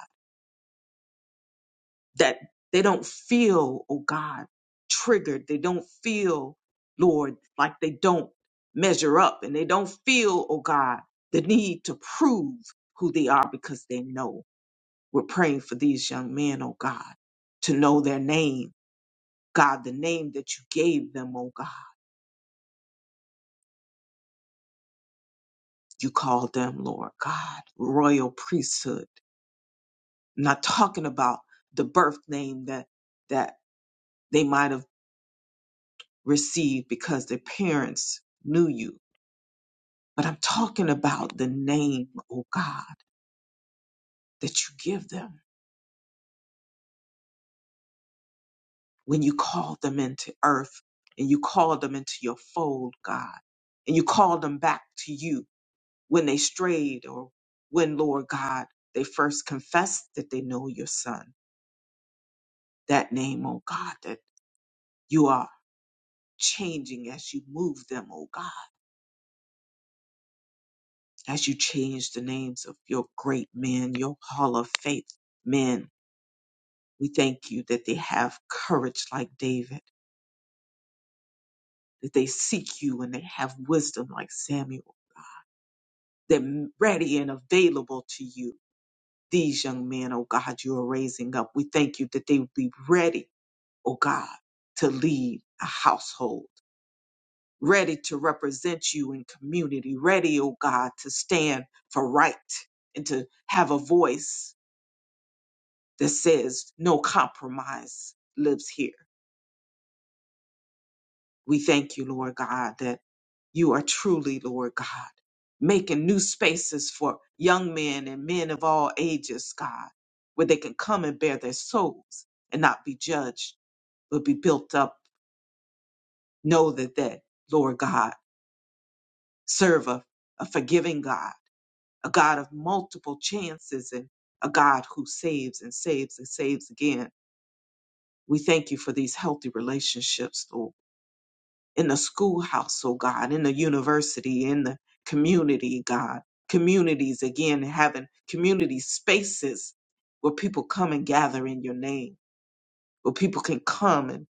[SPEAKER 1] that they don't feel, oh God, triggered. They don't feel, Lord, like they don't measure up and they don't feel, oh God, the need to prove who they are because they know. We're praying for these young men, oh God, to know their name. God, the name that you gave them, oh God, you called them, Lord God, royal priesthood. I'm not talking about the birth name that that they might have received because their parents knew you. But I'm talking about the name, oh God, that you give them when you call them into earth and you call them into your fold, God, and you call them back to you when they strayed or when, Lord God, they first confessed that they know your son. That name, oh God, that you are changing as you move them, oh God, as you change the names of your great men, your hall of faith men We thank you that they have courage like David, that they seek you and they have wisdom like Samuel. They're ready and available to you. These young men, oh God, you are raising up. We thank you that they will be ready, oh God, to lead a household, ready to represent you in community, ready, oh God, to stand for right and to have a voice that says no compromise lives here. We thank you, Lord God, that you are truly, Lord God, making new spaces for young men and men of all ages, God, where they can come and bear their souls and not be judged, but be built up. Know that that, Lord God, serve a, a forgiving God, a God of multiple chances and a God who saves and saves and saves again. We thank you for these healthy relationships, Lord. in the schoolhouse, oh God, in the university, in the community, God. Communities, again, having community spaces where people come and gather in your name, where people can come and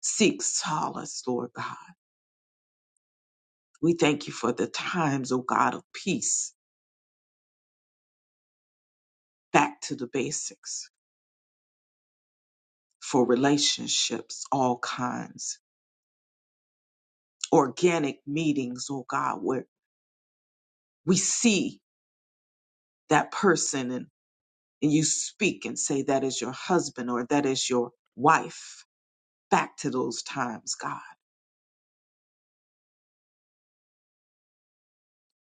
[SPEAKER 1] seek solace, Lord God. We thank you for the times, oh God, of peace, back to the basics, for relationships, all kinds, organic meetings, oh God, where we see that person and. and you speak and say that is your husband or that is your wife. Back to those times, God.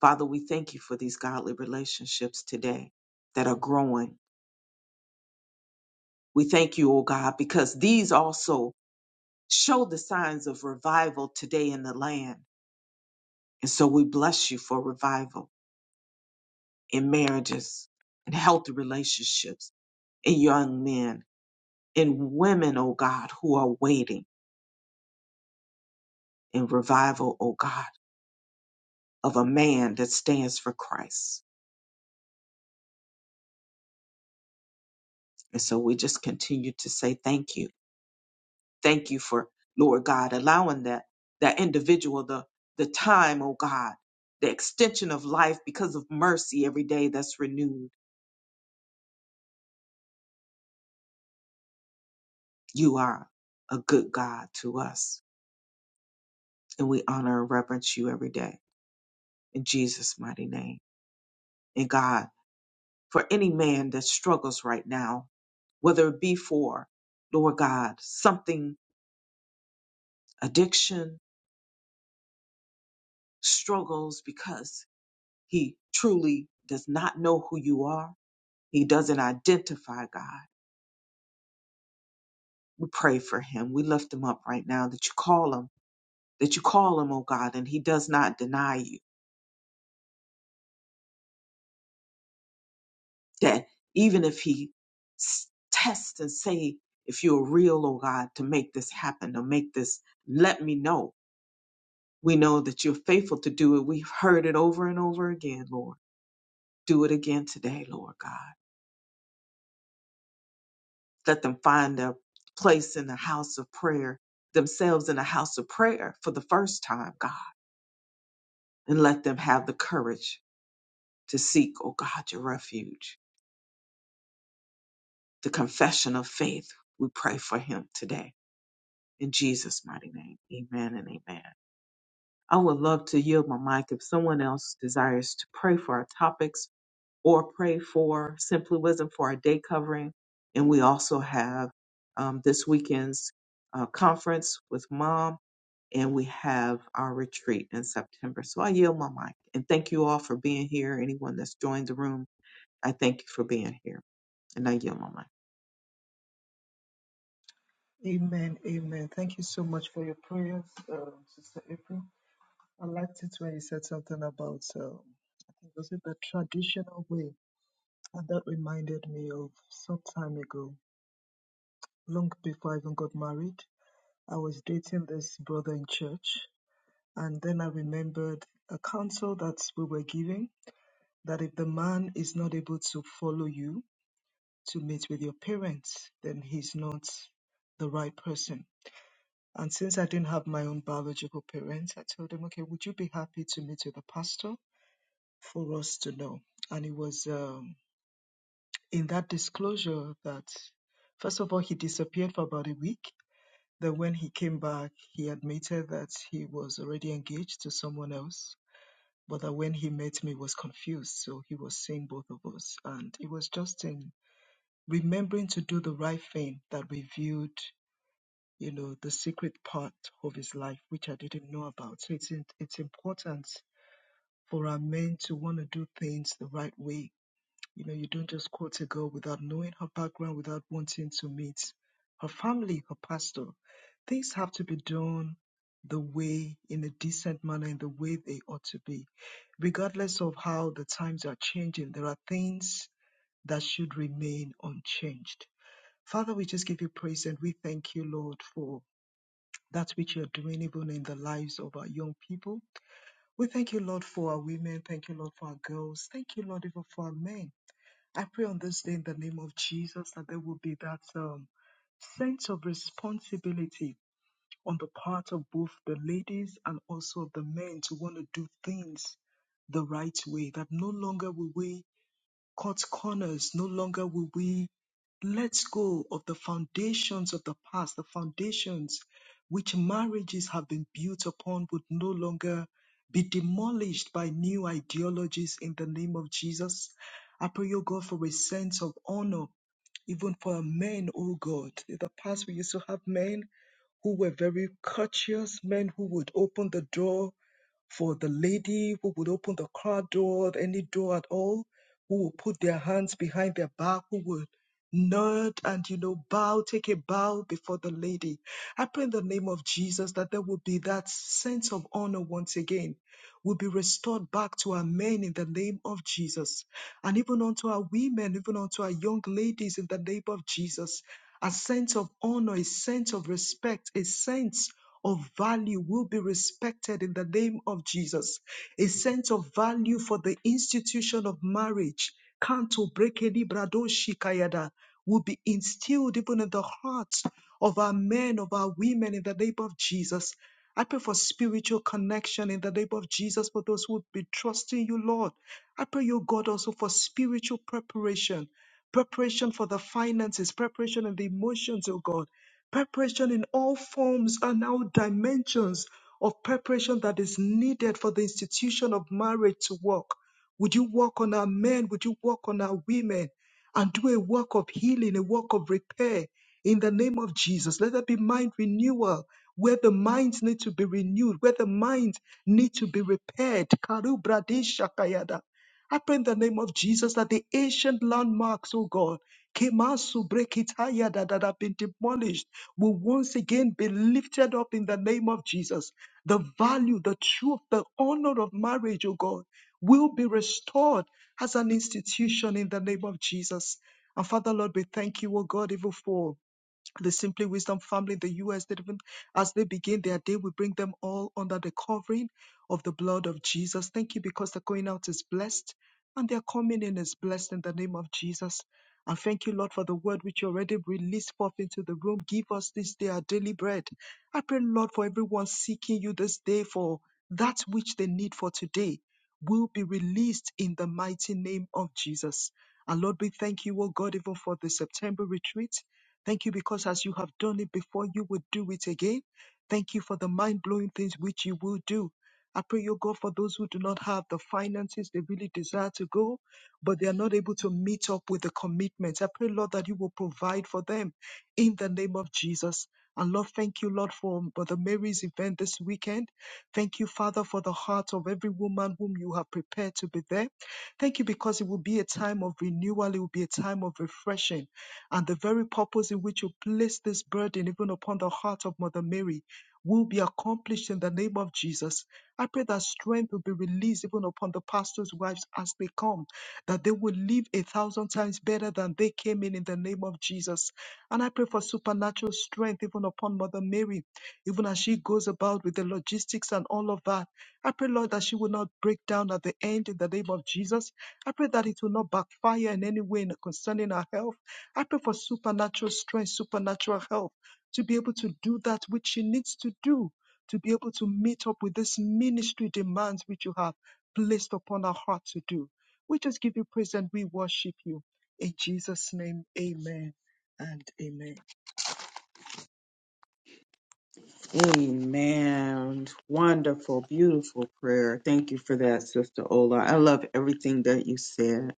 [SPEAKER 1] Father, we thank you for these godly relationships today that are growing. We thank you, oh God, because these also show the signs of revival today in the land. And so we bless you for revival in marriages, in healthy relationships, in young men, in women, oh God, who are waiting in revival, oh God, of a man that stands for Christ. And so we just continue to say thank you. Thank you for Lord God allowing that that individual the the time, oh God, the extension of life because of mercy every day that's renewed. You are a good God to us. And we honor and reverence you every day in Jesus' mighty name. And God, for any man that struggles right now, whether it be for, Lord God, something, addiction, struggles because He truly does not know who you are. He doesn't identify God. We pray for him. We lift him up right now that you call him, that you call him, oh God, and he does not deny you. That even if he s- tests and say, if you're real, oh God, to make this happen, to make this, let me know. We know that you're faithful to do it. We've heard it over and over again, Lord. Do it again today, Lord God. Let them find their place in the house of prayer, themselves in the house of prayer for the first time, God. And let them have the courage to seek, oh God, your refuge, the confession of faith. We pray for him today. In Jesus' mighty name, amen and amen. I would love to yield my mic if someone else desires to pray for our topics or pray for Simply Wisdom for our day covering. And we also have um, this weekend's uh, conference with mom and we have our retreat in September. So I yield my mic and thank you all for being here. Anyone that's joined the room, I thank you for being here and I yield my mic.
[SPEAKER 3] Amen, amen. Thank you so much for your prayers, uh, Sister April. I liked it when you said something about, uh, I think, was it the traditional way? And that reminded me of some time ago, long before I even got married. I was dating this brother in church, and then I remembered a counsel that we were giving that if the man is not able to follow you to meet with your parents, then he's not the right person. And since I didn't have my own biological parents, I told him, okay, would you be happy to meet with a pastor for us to know? And it was um, in that disclosure that, first of all, he disappeared for about a week. Then when he came back, he admitted that he was already engaged to someone else, but that when he met me, he was confused. So he was seeing both of us. And it was just in remembering to do the right thing that we viewed you know, the secret part of his life, which I didn't know about. So it's in, it's important for our men to want to do things the right way. You know, you don't just quote a girl without knowing her background, without wanting to meet her family, her pastor. Things have to be done the way, in a decent manner, in the way they ought to be. Regardless of how the times are changing, there are things that should remain unchanged. Father, we just give you praise and we thank you, Lord, for that which you're doing even in the lives of our young people. We thank you, Lord, for our women. Thank you, Lord, for our girls. Thank you, Lord, even for our men. I pray on this day in the name of Jesus that there will be that um, sense of responsibility on the part of both the ladies and also of the men to want to do things the right way, that no longer will we cut corners. No longer will we let go of the foundations of the past, the foundations which marriages have been built upon would no longer be demolished by new ideologies in the name of Jesus. I pray, O God, for a sense of honor, even for men, O God. In the past, we used to have men who were very courteous, men who would open the door for the lady who would open the car door, any door at all, who would put their hands behind their back, who would nod and you know bow, take a bow before the lady. I pray in the name of Jesus that there will be that sense of honor once again, will be restored back to our men in the name of Jesus and even unto our women, even unto our young ladies in the name of Jesus. A sense of honor, a sense of respect, a sense of value will be respected in the name of Jesus. A sense of value for the institution of marriage, Kanto Brekeli Bradoshi Kayada, will be instilled even in the hearts of our men, of our women in the name of Jesus. I pray for spiritual connection in the name of Jesus for those who would be trusting you, Lord. I pray, you God, also for spiritual preparation, preparation for the finances, preparation in the emotions, oh God, preparation in all forms and all dimensions of preparation that is needed for the institution of marriage to work. Would you work on our men? Would you work on our women? And do a work of healing, a work of repair in the name of Jesus. Let there be mind renewal where the minds need to be renewed, where the minds need to be repaired. Karu bradisha kayada. I pray in the name of Jesus that the ancient landmarks, oh God, Kemasu Brekitaya that, that have been demolished will once again be lifted up in the name of Jesus. The value, the truth, the honor of marriage, oh God, will be restored as an institution in the name of Jesus. And Father Lord, we thank you, oh God, even for the Simply Wisdom family in the U.S. That even as they begin their day, we bring them all under the covering of the blood of Jesus. Thank you because their going out is blessed and their coming in is blessed in the name of Jesus. And thank you, Lord, for the word which you already released forth into the room. Give us this day our daily bread. I pray, Lord, for everyone seeking you this day for that which they need for today will be released in the mighty name of Jesus. And Lord, we thank you, O God, even for the September retreat. Thank you because as you have done it before, you will do it again. Thank you for the mind blowing things which you will do. I pray, O God, for those who do not have the finances they really desire to go, but they are not able to meet up with the commitments. I pray, Lord, that you will provide for them in the name of Jesus. And Lord, thank you, Lord, for Mother Mary's event this weekend. Thank you, Father, for the heart of every woman whom you have prepared to be there. Thank you because it will be a time of renewal, it will be a time of refreshing and the very purpose in which you place this burden even upon the heart of Mother Mary will be accomplished in the name of Jesus. I pray that strength will be released even upon the pastors' wives as they come, that they will live a thousand times better than they came in in the name of Jesus. And I pray for supernatural strength even upon Mother Mary, even as she goes about with the logistics and all of that. I pray, Lord, that she will not break down at the end in the name of Jesus. I pray that it will not backfire in any way concerning her health I pray for supernatural strength, supernatural help to be able to do that which she needs to do, to be able to meet up with this ministry demands which you have placed upon our heart to do. We just give you praise and we worship you. In Jesus' name, amen and amen.
[SPEAKER 1] Amen. Wonderful, beautiful prayer. Thank you for that, Sister Ola. I love everything that you said.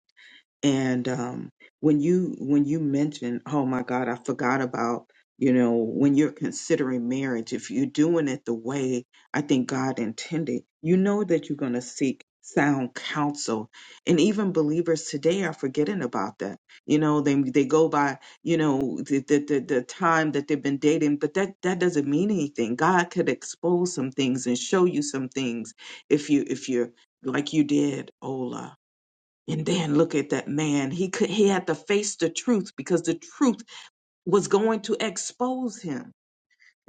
[SPEAKER 1] And um, when you when you mention, oh my God, I forgot about, you know, when you're considering marriage, if you're doing it the way I think God intended, you know that you're going to seek sound counsel. And even believers today are forgetting about that. You know, they they go by, you know, the the, the, the time that they've been dating, but that that doesn't mean anything. God could expose some things and show you some things if you if you're like you did, Ola and then look at that man. He could he had to face the truth because the truth was going to expose him.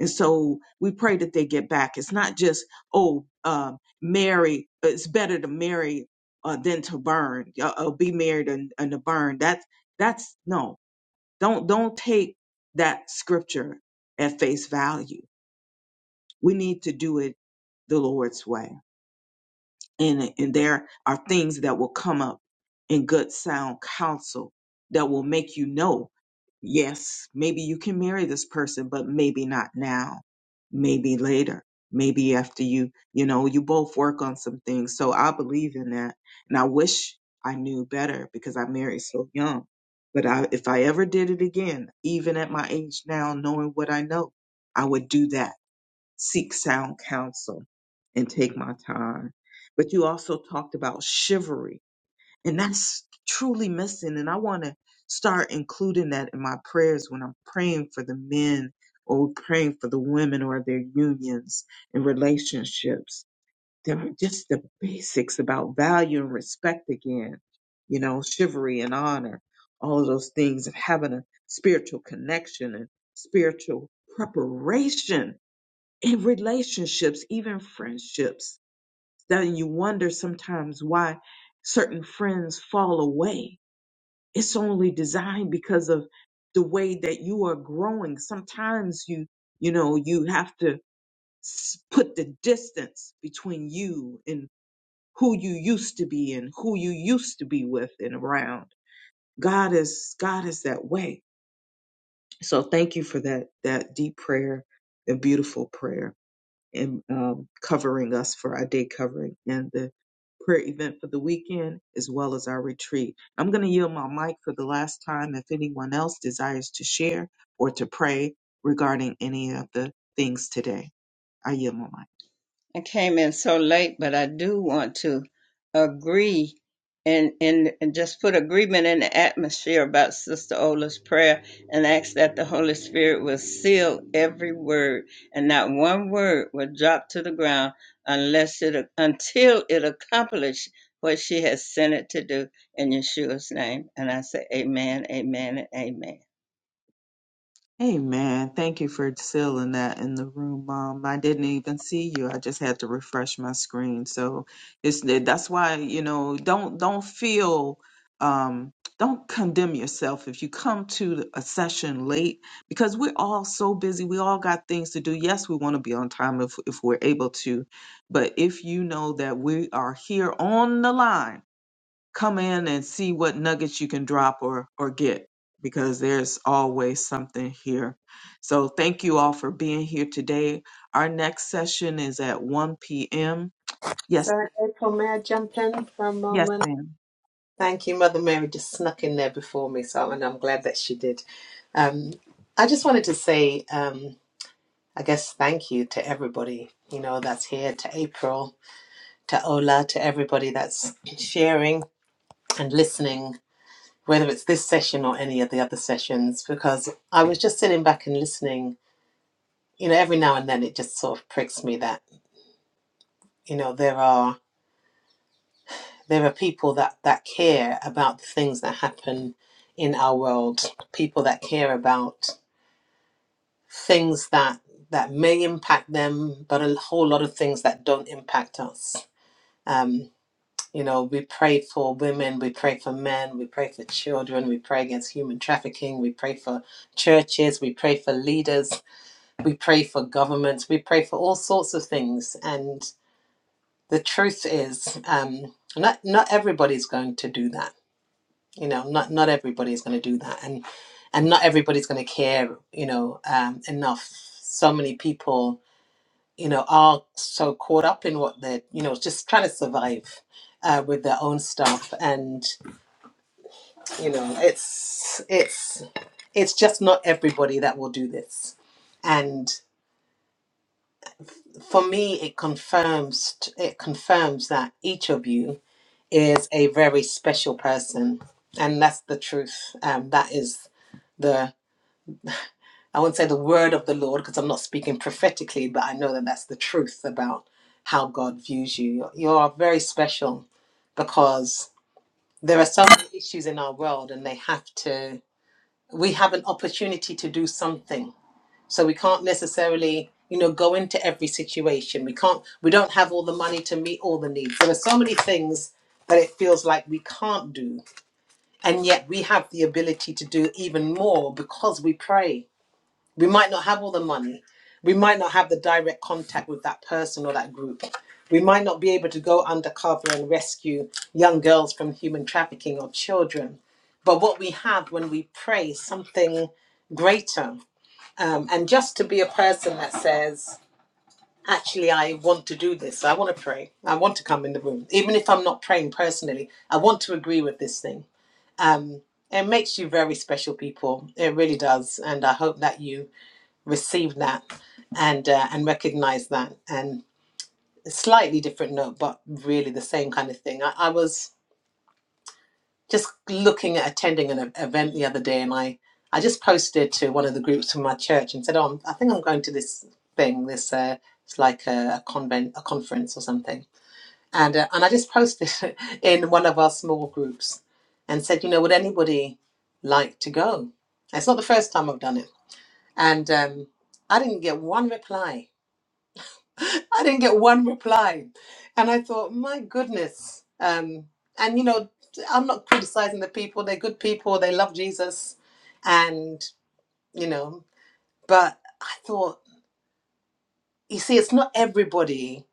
[SPEAKER 1] And so we pray that they get back. It's not just oh, um, marry. uh, It's better to marry uh, than to burn. Uh, uh, oh, be married and, and to burn. That's that's no. Don't don't take that scripture at face value. We need to do it the Lord's way and, and there are things that will come up in good sound counsel that will make you know yes maybe you can marry this person but maybe not now maybe later maybe after you you know you both work on some things so i believe in that and i wish i knew better because i married so young but I, if i ever did it again even at my age now knowing what i know i would do that seek sound counsel and take my time. But you also talked about chivalry, and that's truly missing. And I want to start including that in my prayers when I'm praying for the men or praying for the women or their unions and relationships. There are just the basics about value and respect again, you know, chivalry and honor, all of those things, and having a spiritual connection and spiritual preparation in relationships, even friendships, that you wonder sometimes why certain friends fall away. It's only designed because of the way that you are growing. Sometimes you, you know, you have to s- put the distance between you and who you used to be and who you used to be with and around. God is, God is that way. So thank you for that, that deep prayer and beautiful prayer. and um, covering us for our day covering and the prayer event for the weekend as well as our retreat. I'm going to yield my mic for the last time if anyone else desires to share or to pray regarding any of the things today. I yield my mic.
[SPEAKER 4] I came in so late, but I do want to agree and, and, and just put agreement in the atmosphere about Sister Ola's prayer and ask that the Holy Spirit will seal every word and not one word will drop to the ground unless it until it accomplishes what she has sent it to do in Yeshua's name. And I say amen, amen, and amen.
[SPEAKER 1] Amen. Thank you for sealing that in the room, Mom. I didn't even see you. I just had to refresh my screen. So it's that's why you know don't don't feel um don't condemn yourself if you come to a session late because we're all so busy. We all got things to do. Yes, we want to be on time if if we're able to, but if you know that we are here on the line come in and see what nuggets you can drop or or get because there's always something here. So thank you all for being here today. Our next session is at 1 p.m. Yes,
[SPEAKER 5] So, April, may I jump in for a
[SPEAKER 1] yes,
[SPEAKER 5] moment?
[SPEAKER 1] ma'am.
[SPEAKER 5] Thank you. Mother Mary just snuck in there before me, so and I'm glad that she did. Um, I just wanted to say, um, I guess, thank you to everybody, you know, that's here, to April, to Ola, to everybody that's sharing and listening, whether it's this session or any of the other sessions, because I was just sitting back and listening. You know, every now and then it just sort of pricks me that, you know, there are there are people that that care about the things that happen in our world people that care about things that that may impact them but a whole lot of things that don't impact us um you know we pray for women we pray for men we pray for children we pray against human trafficking we pray for churches we pray for leaders we pray for governments we pray for all sorts of things and the truth is um not not everybody's going to do that you know not not everybody's going to do that and and not everybody's going to care you know um enough so many people you know are so caught up in what they're you know just trying to survive uh, with their own stuff and you know it's it's it's just not everybody that will do this and for me it confirms it confirms that each of you is a very special person and that's the truth um, that is the. I wouldn't say the word of the Lord because I'm not speaking prophetically, but I know that that's the truth about how God views you. You are very special because there are so many issues in our world, and they have to, we have an opportunity to do something. So we can't necessarily, you know, go into every situation. We can't, we don't have all the money to meet all the needs. There are so many things that it feels like we can't do. And yet we have the ability to do even more because we pray we might not have all the money. We might not have the direct contact with that person or that group. We might not be able to go undercover and rescue young girls from human trafficking or children. But what we have when we pray is something greater. Um, and just to be a person that says, actually, I want to do this. I want to pray. I want to come in the room. Even if I'm not praying personally, I want to agree with this thing. Um, it makes you very special people. It really does. And I hope that you receive that and uh, and recognize that and a slightly different note but really the same kind of thing I, I was just looking at attending an e- event the other day and I I just posted to one of the groups from my church and said oh I'm, I think I'm going to this thing this uh, it's like a, a convent a conference or something and uh, and I just posted in one of our small groups and said you know would anybody like to go it's not the first time I've done it and um, I didn't get one reply I didn't get one reply. And I thought, my goodness. Um, and, you know, I'm not criticizing the people. They're good people. They love Jesus. And, you know, but I thought, you see, it's not everybody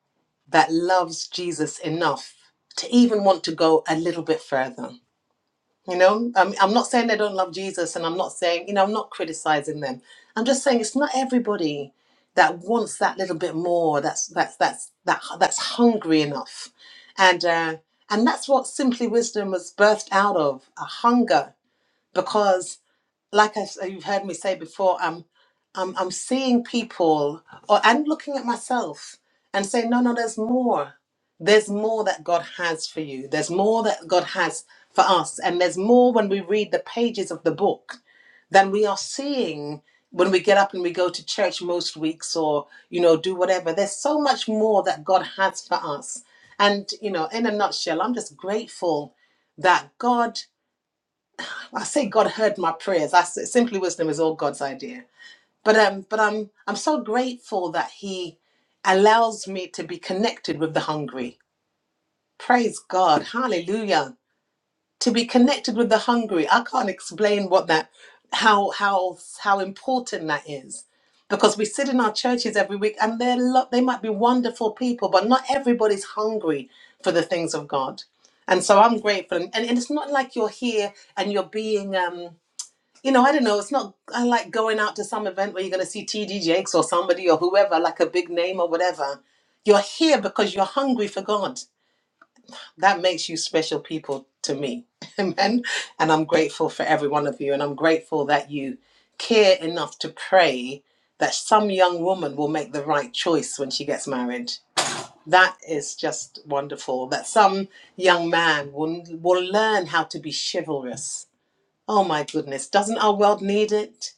[SPEAKER 5] that loves Jesus enough to even want to go a little bit further. You know, um, I'm not saying they don't love Jesus, and I'm not saying, you know, I'm not criticizing them. I'm just saying it's not everybody that wants that little bit more. That's that's that's that that's hungry enough, and uh, and that's what simply wisdom was birthed out of a hunger. Because like I, s- you've heard me say before, I'm, I'm, I'm seeing people or and looking at myself and saying, no, no, there's more. There's more that God has for you. There's more that God has for us. And there's more when we read the pages of the book than we are seeing when we get up and we go to church most weeks or, you know, do whatever. There's so much more that God has for us. And, you know, in a nutshell, I'm just grateful that God I say God heard my prayers. I say Simply wisdom is all God's idea. But um, but I'm I'm so grateful that He allows me to be connected with the hungry. Praise God, Hallelujah! To be connected with the hungry, I can't explain what that, how how how important that is, because we sit in our churches every week, and they're lo- they might be wonderful people, but not everybody's hungry for the things of God. And so I'm grateful, and, and it's not like you're here and you're being um you know, I don't know. It's not. I like going out to some event where you're going to see TD Jakes or somebody or whoever, like a big name or whatever. You're here because you're hungry for God. That makes you special people to me. Amen. And I'm grateful for every one of you. And I'm grateful that you care enough to pray that some young woman will make the right choice when she gets married. That is just wonderful. That some young man will, will learn how to be chivalrous. Oh my goodness. Doesn't our world need it?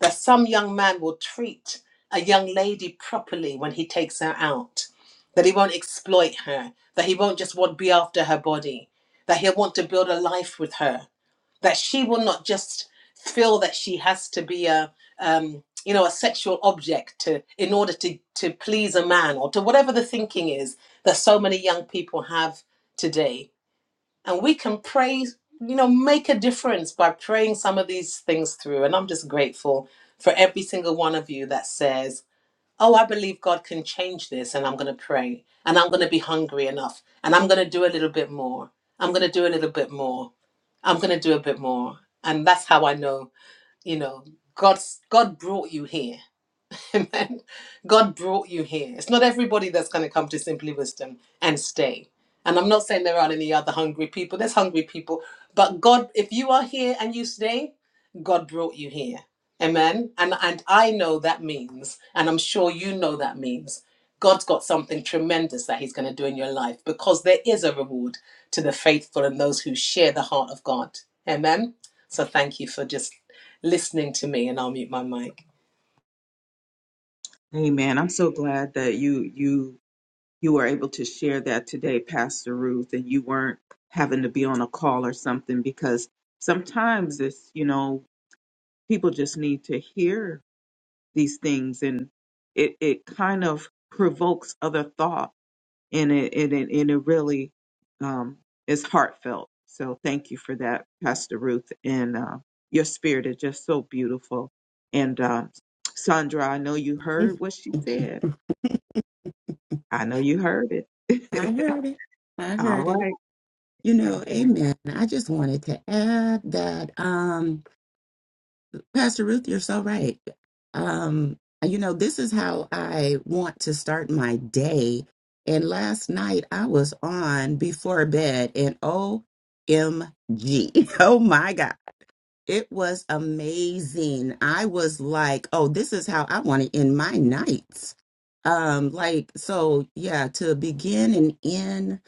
[SPEAKER 5] that some young man will treat a young lady properly when he takes her out, that he won't exploit her, that he won't just want to be after her body, that he'll want to build a life with her, that she will not just feel that she has to be a um, you know a sexual object to in order to to please a man or to whatever the thinking is that so many young people have today and we can pray you know make a difference by praying some of these things through and i'm just grateful for every single one of you that says oh i believe god can change this and i'm going to pray and i'm going to be hungry enough and i'm going to do a little bit more i'm going to do a little bit more i'm going to do a bit more and that's how i know you know god's god brought you here Amen. God brought you here. It's not everybody that's going to come to Simply Wisdom and stay. And I'm not saying there aren't any other hungry people. There's hungry people. But God, if you are here and you stay, God brought you here. Amen. And and I know that means, and I'm sure you know that means, God's got something tremendous that He's going to do in your life because there is a reward to the faithful and those who share the heart of God. Amen. So thank you for just listening to me, and I'll mute my mic.
[SPEAKER 1] Amen. I'm so glad that you you you were able to share that today, Pastor Ruth, and you weren't having to be on a call or something because sometimes it's you know people just need to hear these things and it it kind of provokes other thought and it and it, and it really um, is heartfelt. So thank you for that, Pastor Ruth, and uh, your spirit is just so beautiful. And uh, Sandra, I know you heard what she said. I know you heard
[SPEAKER 2] I
[SPEAKER 1] it.
[SPEAKER 2] heard it. I
[SPEAKER 1] All
[SPEAKER 2] heard it.
[SPEAKER 1] right.
[SPEAKER 2] You know, amen. I just wanted to add that, um, Pastor Ruth, you're so right. Um, you know, this is how I want to start my day. And last night I was on before bed and OMG. Oh my God. It was amazing. I was like, oh, this is how I want to end my nights. Um, like, so yeah, to begin and end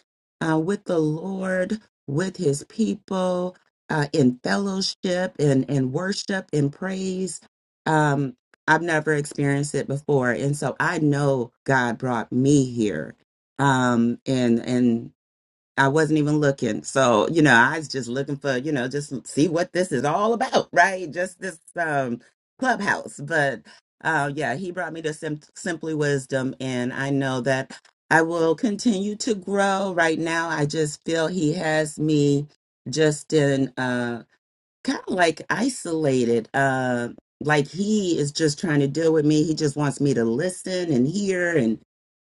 [SPEAKER 2] uh, with the Lord, with his people, uh, in fellowship and, and worship and praise. Um, I've never experienced it before. And so I know God brought me here. Um, and, and I wasn't even looking. So, you know, I was just looking for, you know, just see what this is all about, right? Just this um clubhouse. But uh yeah, he brought me to Sim- Simply Wisdom and I know that I will continue to grow. Right now, I just feel he has me just in uh, kind of like isolated. Uh, like he is just trying to deal with me. He just wants me to listen and hear and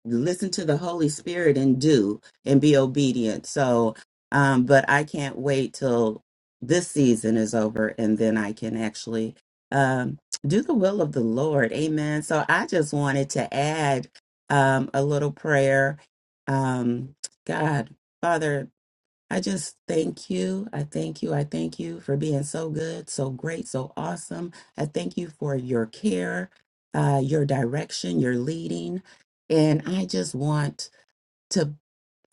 [SPEAKER 2] listen to the Holy Spirit and do and be obedient. So, um, but I can't wait till this season is over and then I can actually um, do the will of the Lord. Amen. So I just wanted to add um, a little prayer. Um, God, Father. I just thank you. I thank you. I thank you for being so good, so great, so awesome. I thank you for your care, uh, your direction, your leading. And I just want to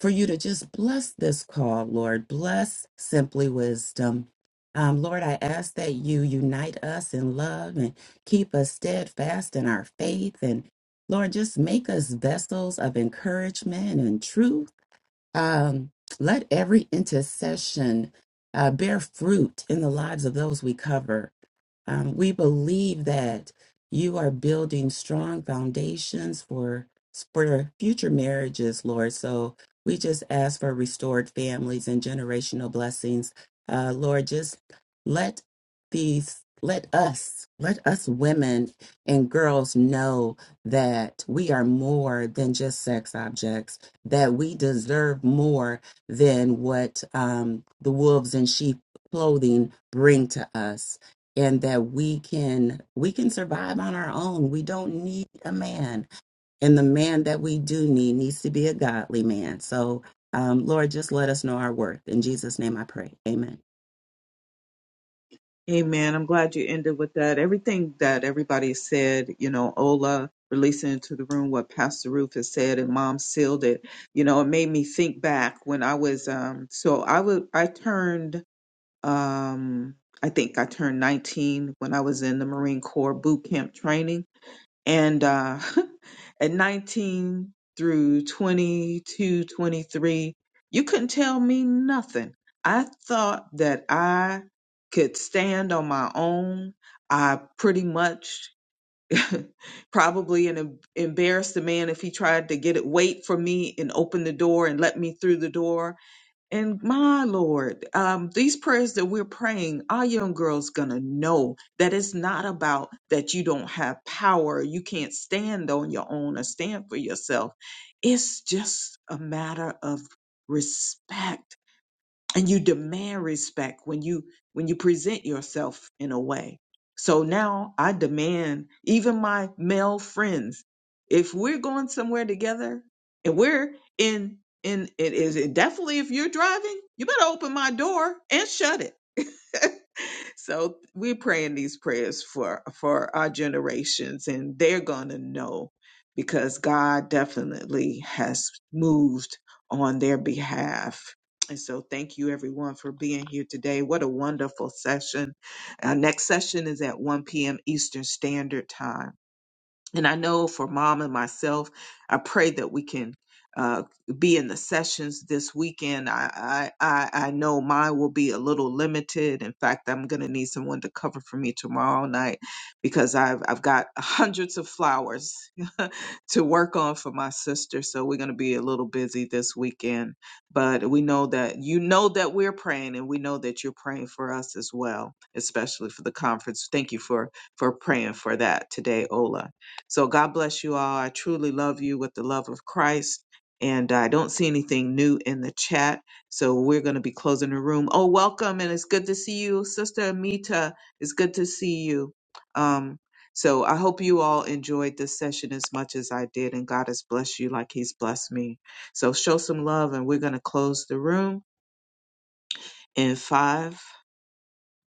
[SPEAKER 2] for you to just bless this call, Lord. Bless simply wisdom. Um, Lord, I ask that you unite us in love and keep us steadfast in our faith. And Lord, just make us vessels of encouragement and truth um, let every intercession uh, bear fruit in the lives of those we cover. Um, we believe that you are building strong foundations for, for future marriages, Lord. So we just ask for restored families and generational blessings. Uh, Lord, just let these, let us, let us women and girls know that we are more than just sex objects that we deserve more than what um, the wolves in sheep clothing bring to us and that we can we can survive on our own we don't need a man and the man that we do need needs to be a godly man so um, lord just let us know our worth in jesus name i pray amen
[SPEAKER 1] Amen. I'm glad you ended with that. Everything that everybody said, you know, Ola releasing into the room what Pastor Ruth has said and mom sealed it, you know, it made me think back when I was um so I would I turned um I think I turned 19 when I was in the Marine Corps boot camp training and uh at 19 through 22 23 you couldn't tell me nothing I thought that I could stand on my own I pretty much probably an em- embarrassed the man if he tried to get it wait for me and open the door and let me through the door and my Lord, um, these prayers that we're praying, our young girls gonna know that it's not about that you don't have power, you can't stand on your own or stand for yourself. It's just a matter of respect and you demand respect when you when you present yourself in a way so now i demand even my male friends if we're going somewhere together and we're in in it is it definitely if you're driving you better open my door and shut it so we're praying these prayers for for our generations and they're gonna know because god definitely has moved on their behalf and so thank you everyone for being here today what a wonderful session our next session is at 1 p.m eastern standard time and I know for mom and myself, I pray that we can uh, be in the sessions this weekend. I, I I I know mine will be a little limited. In fact, I'm gonna need someone to cover for me tomorrow night because I've I've got hundreds of flowers to work on for my sister. So we're gonna be a little busy this weekend. But we know that you know that we're praying, and we know that you're praying for us as well, especially for the conference. Thank you for for praying for that today, Ola. So God bless you all. I truly love you with the love of Christ. And I don't see anything new in the chat. So we're going to be closing the room. Oh, welcome. And it's good to see you, Sister Amita. It's good to see you. Um, so I hope you all enjoyed this session as much as I did. And God has blessed you like He's blessed me. So show some love. And we're going to close the room in five,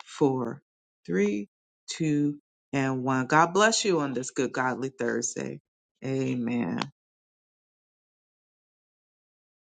[SPEAKER 1] four, three, two, and one. God bless you on this good, godly Thursday. Amen.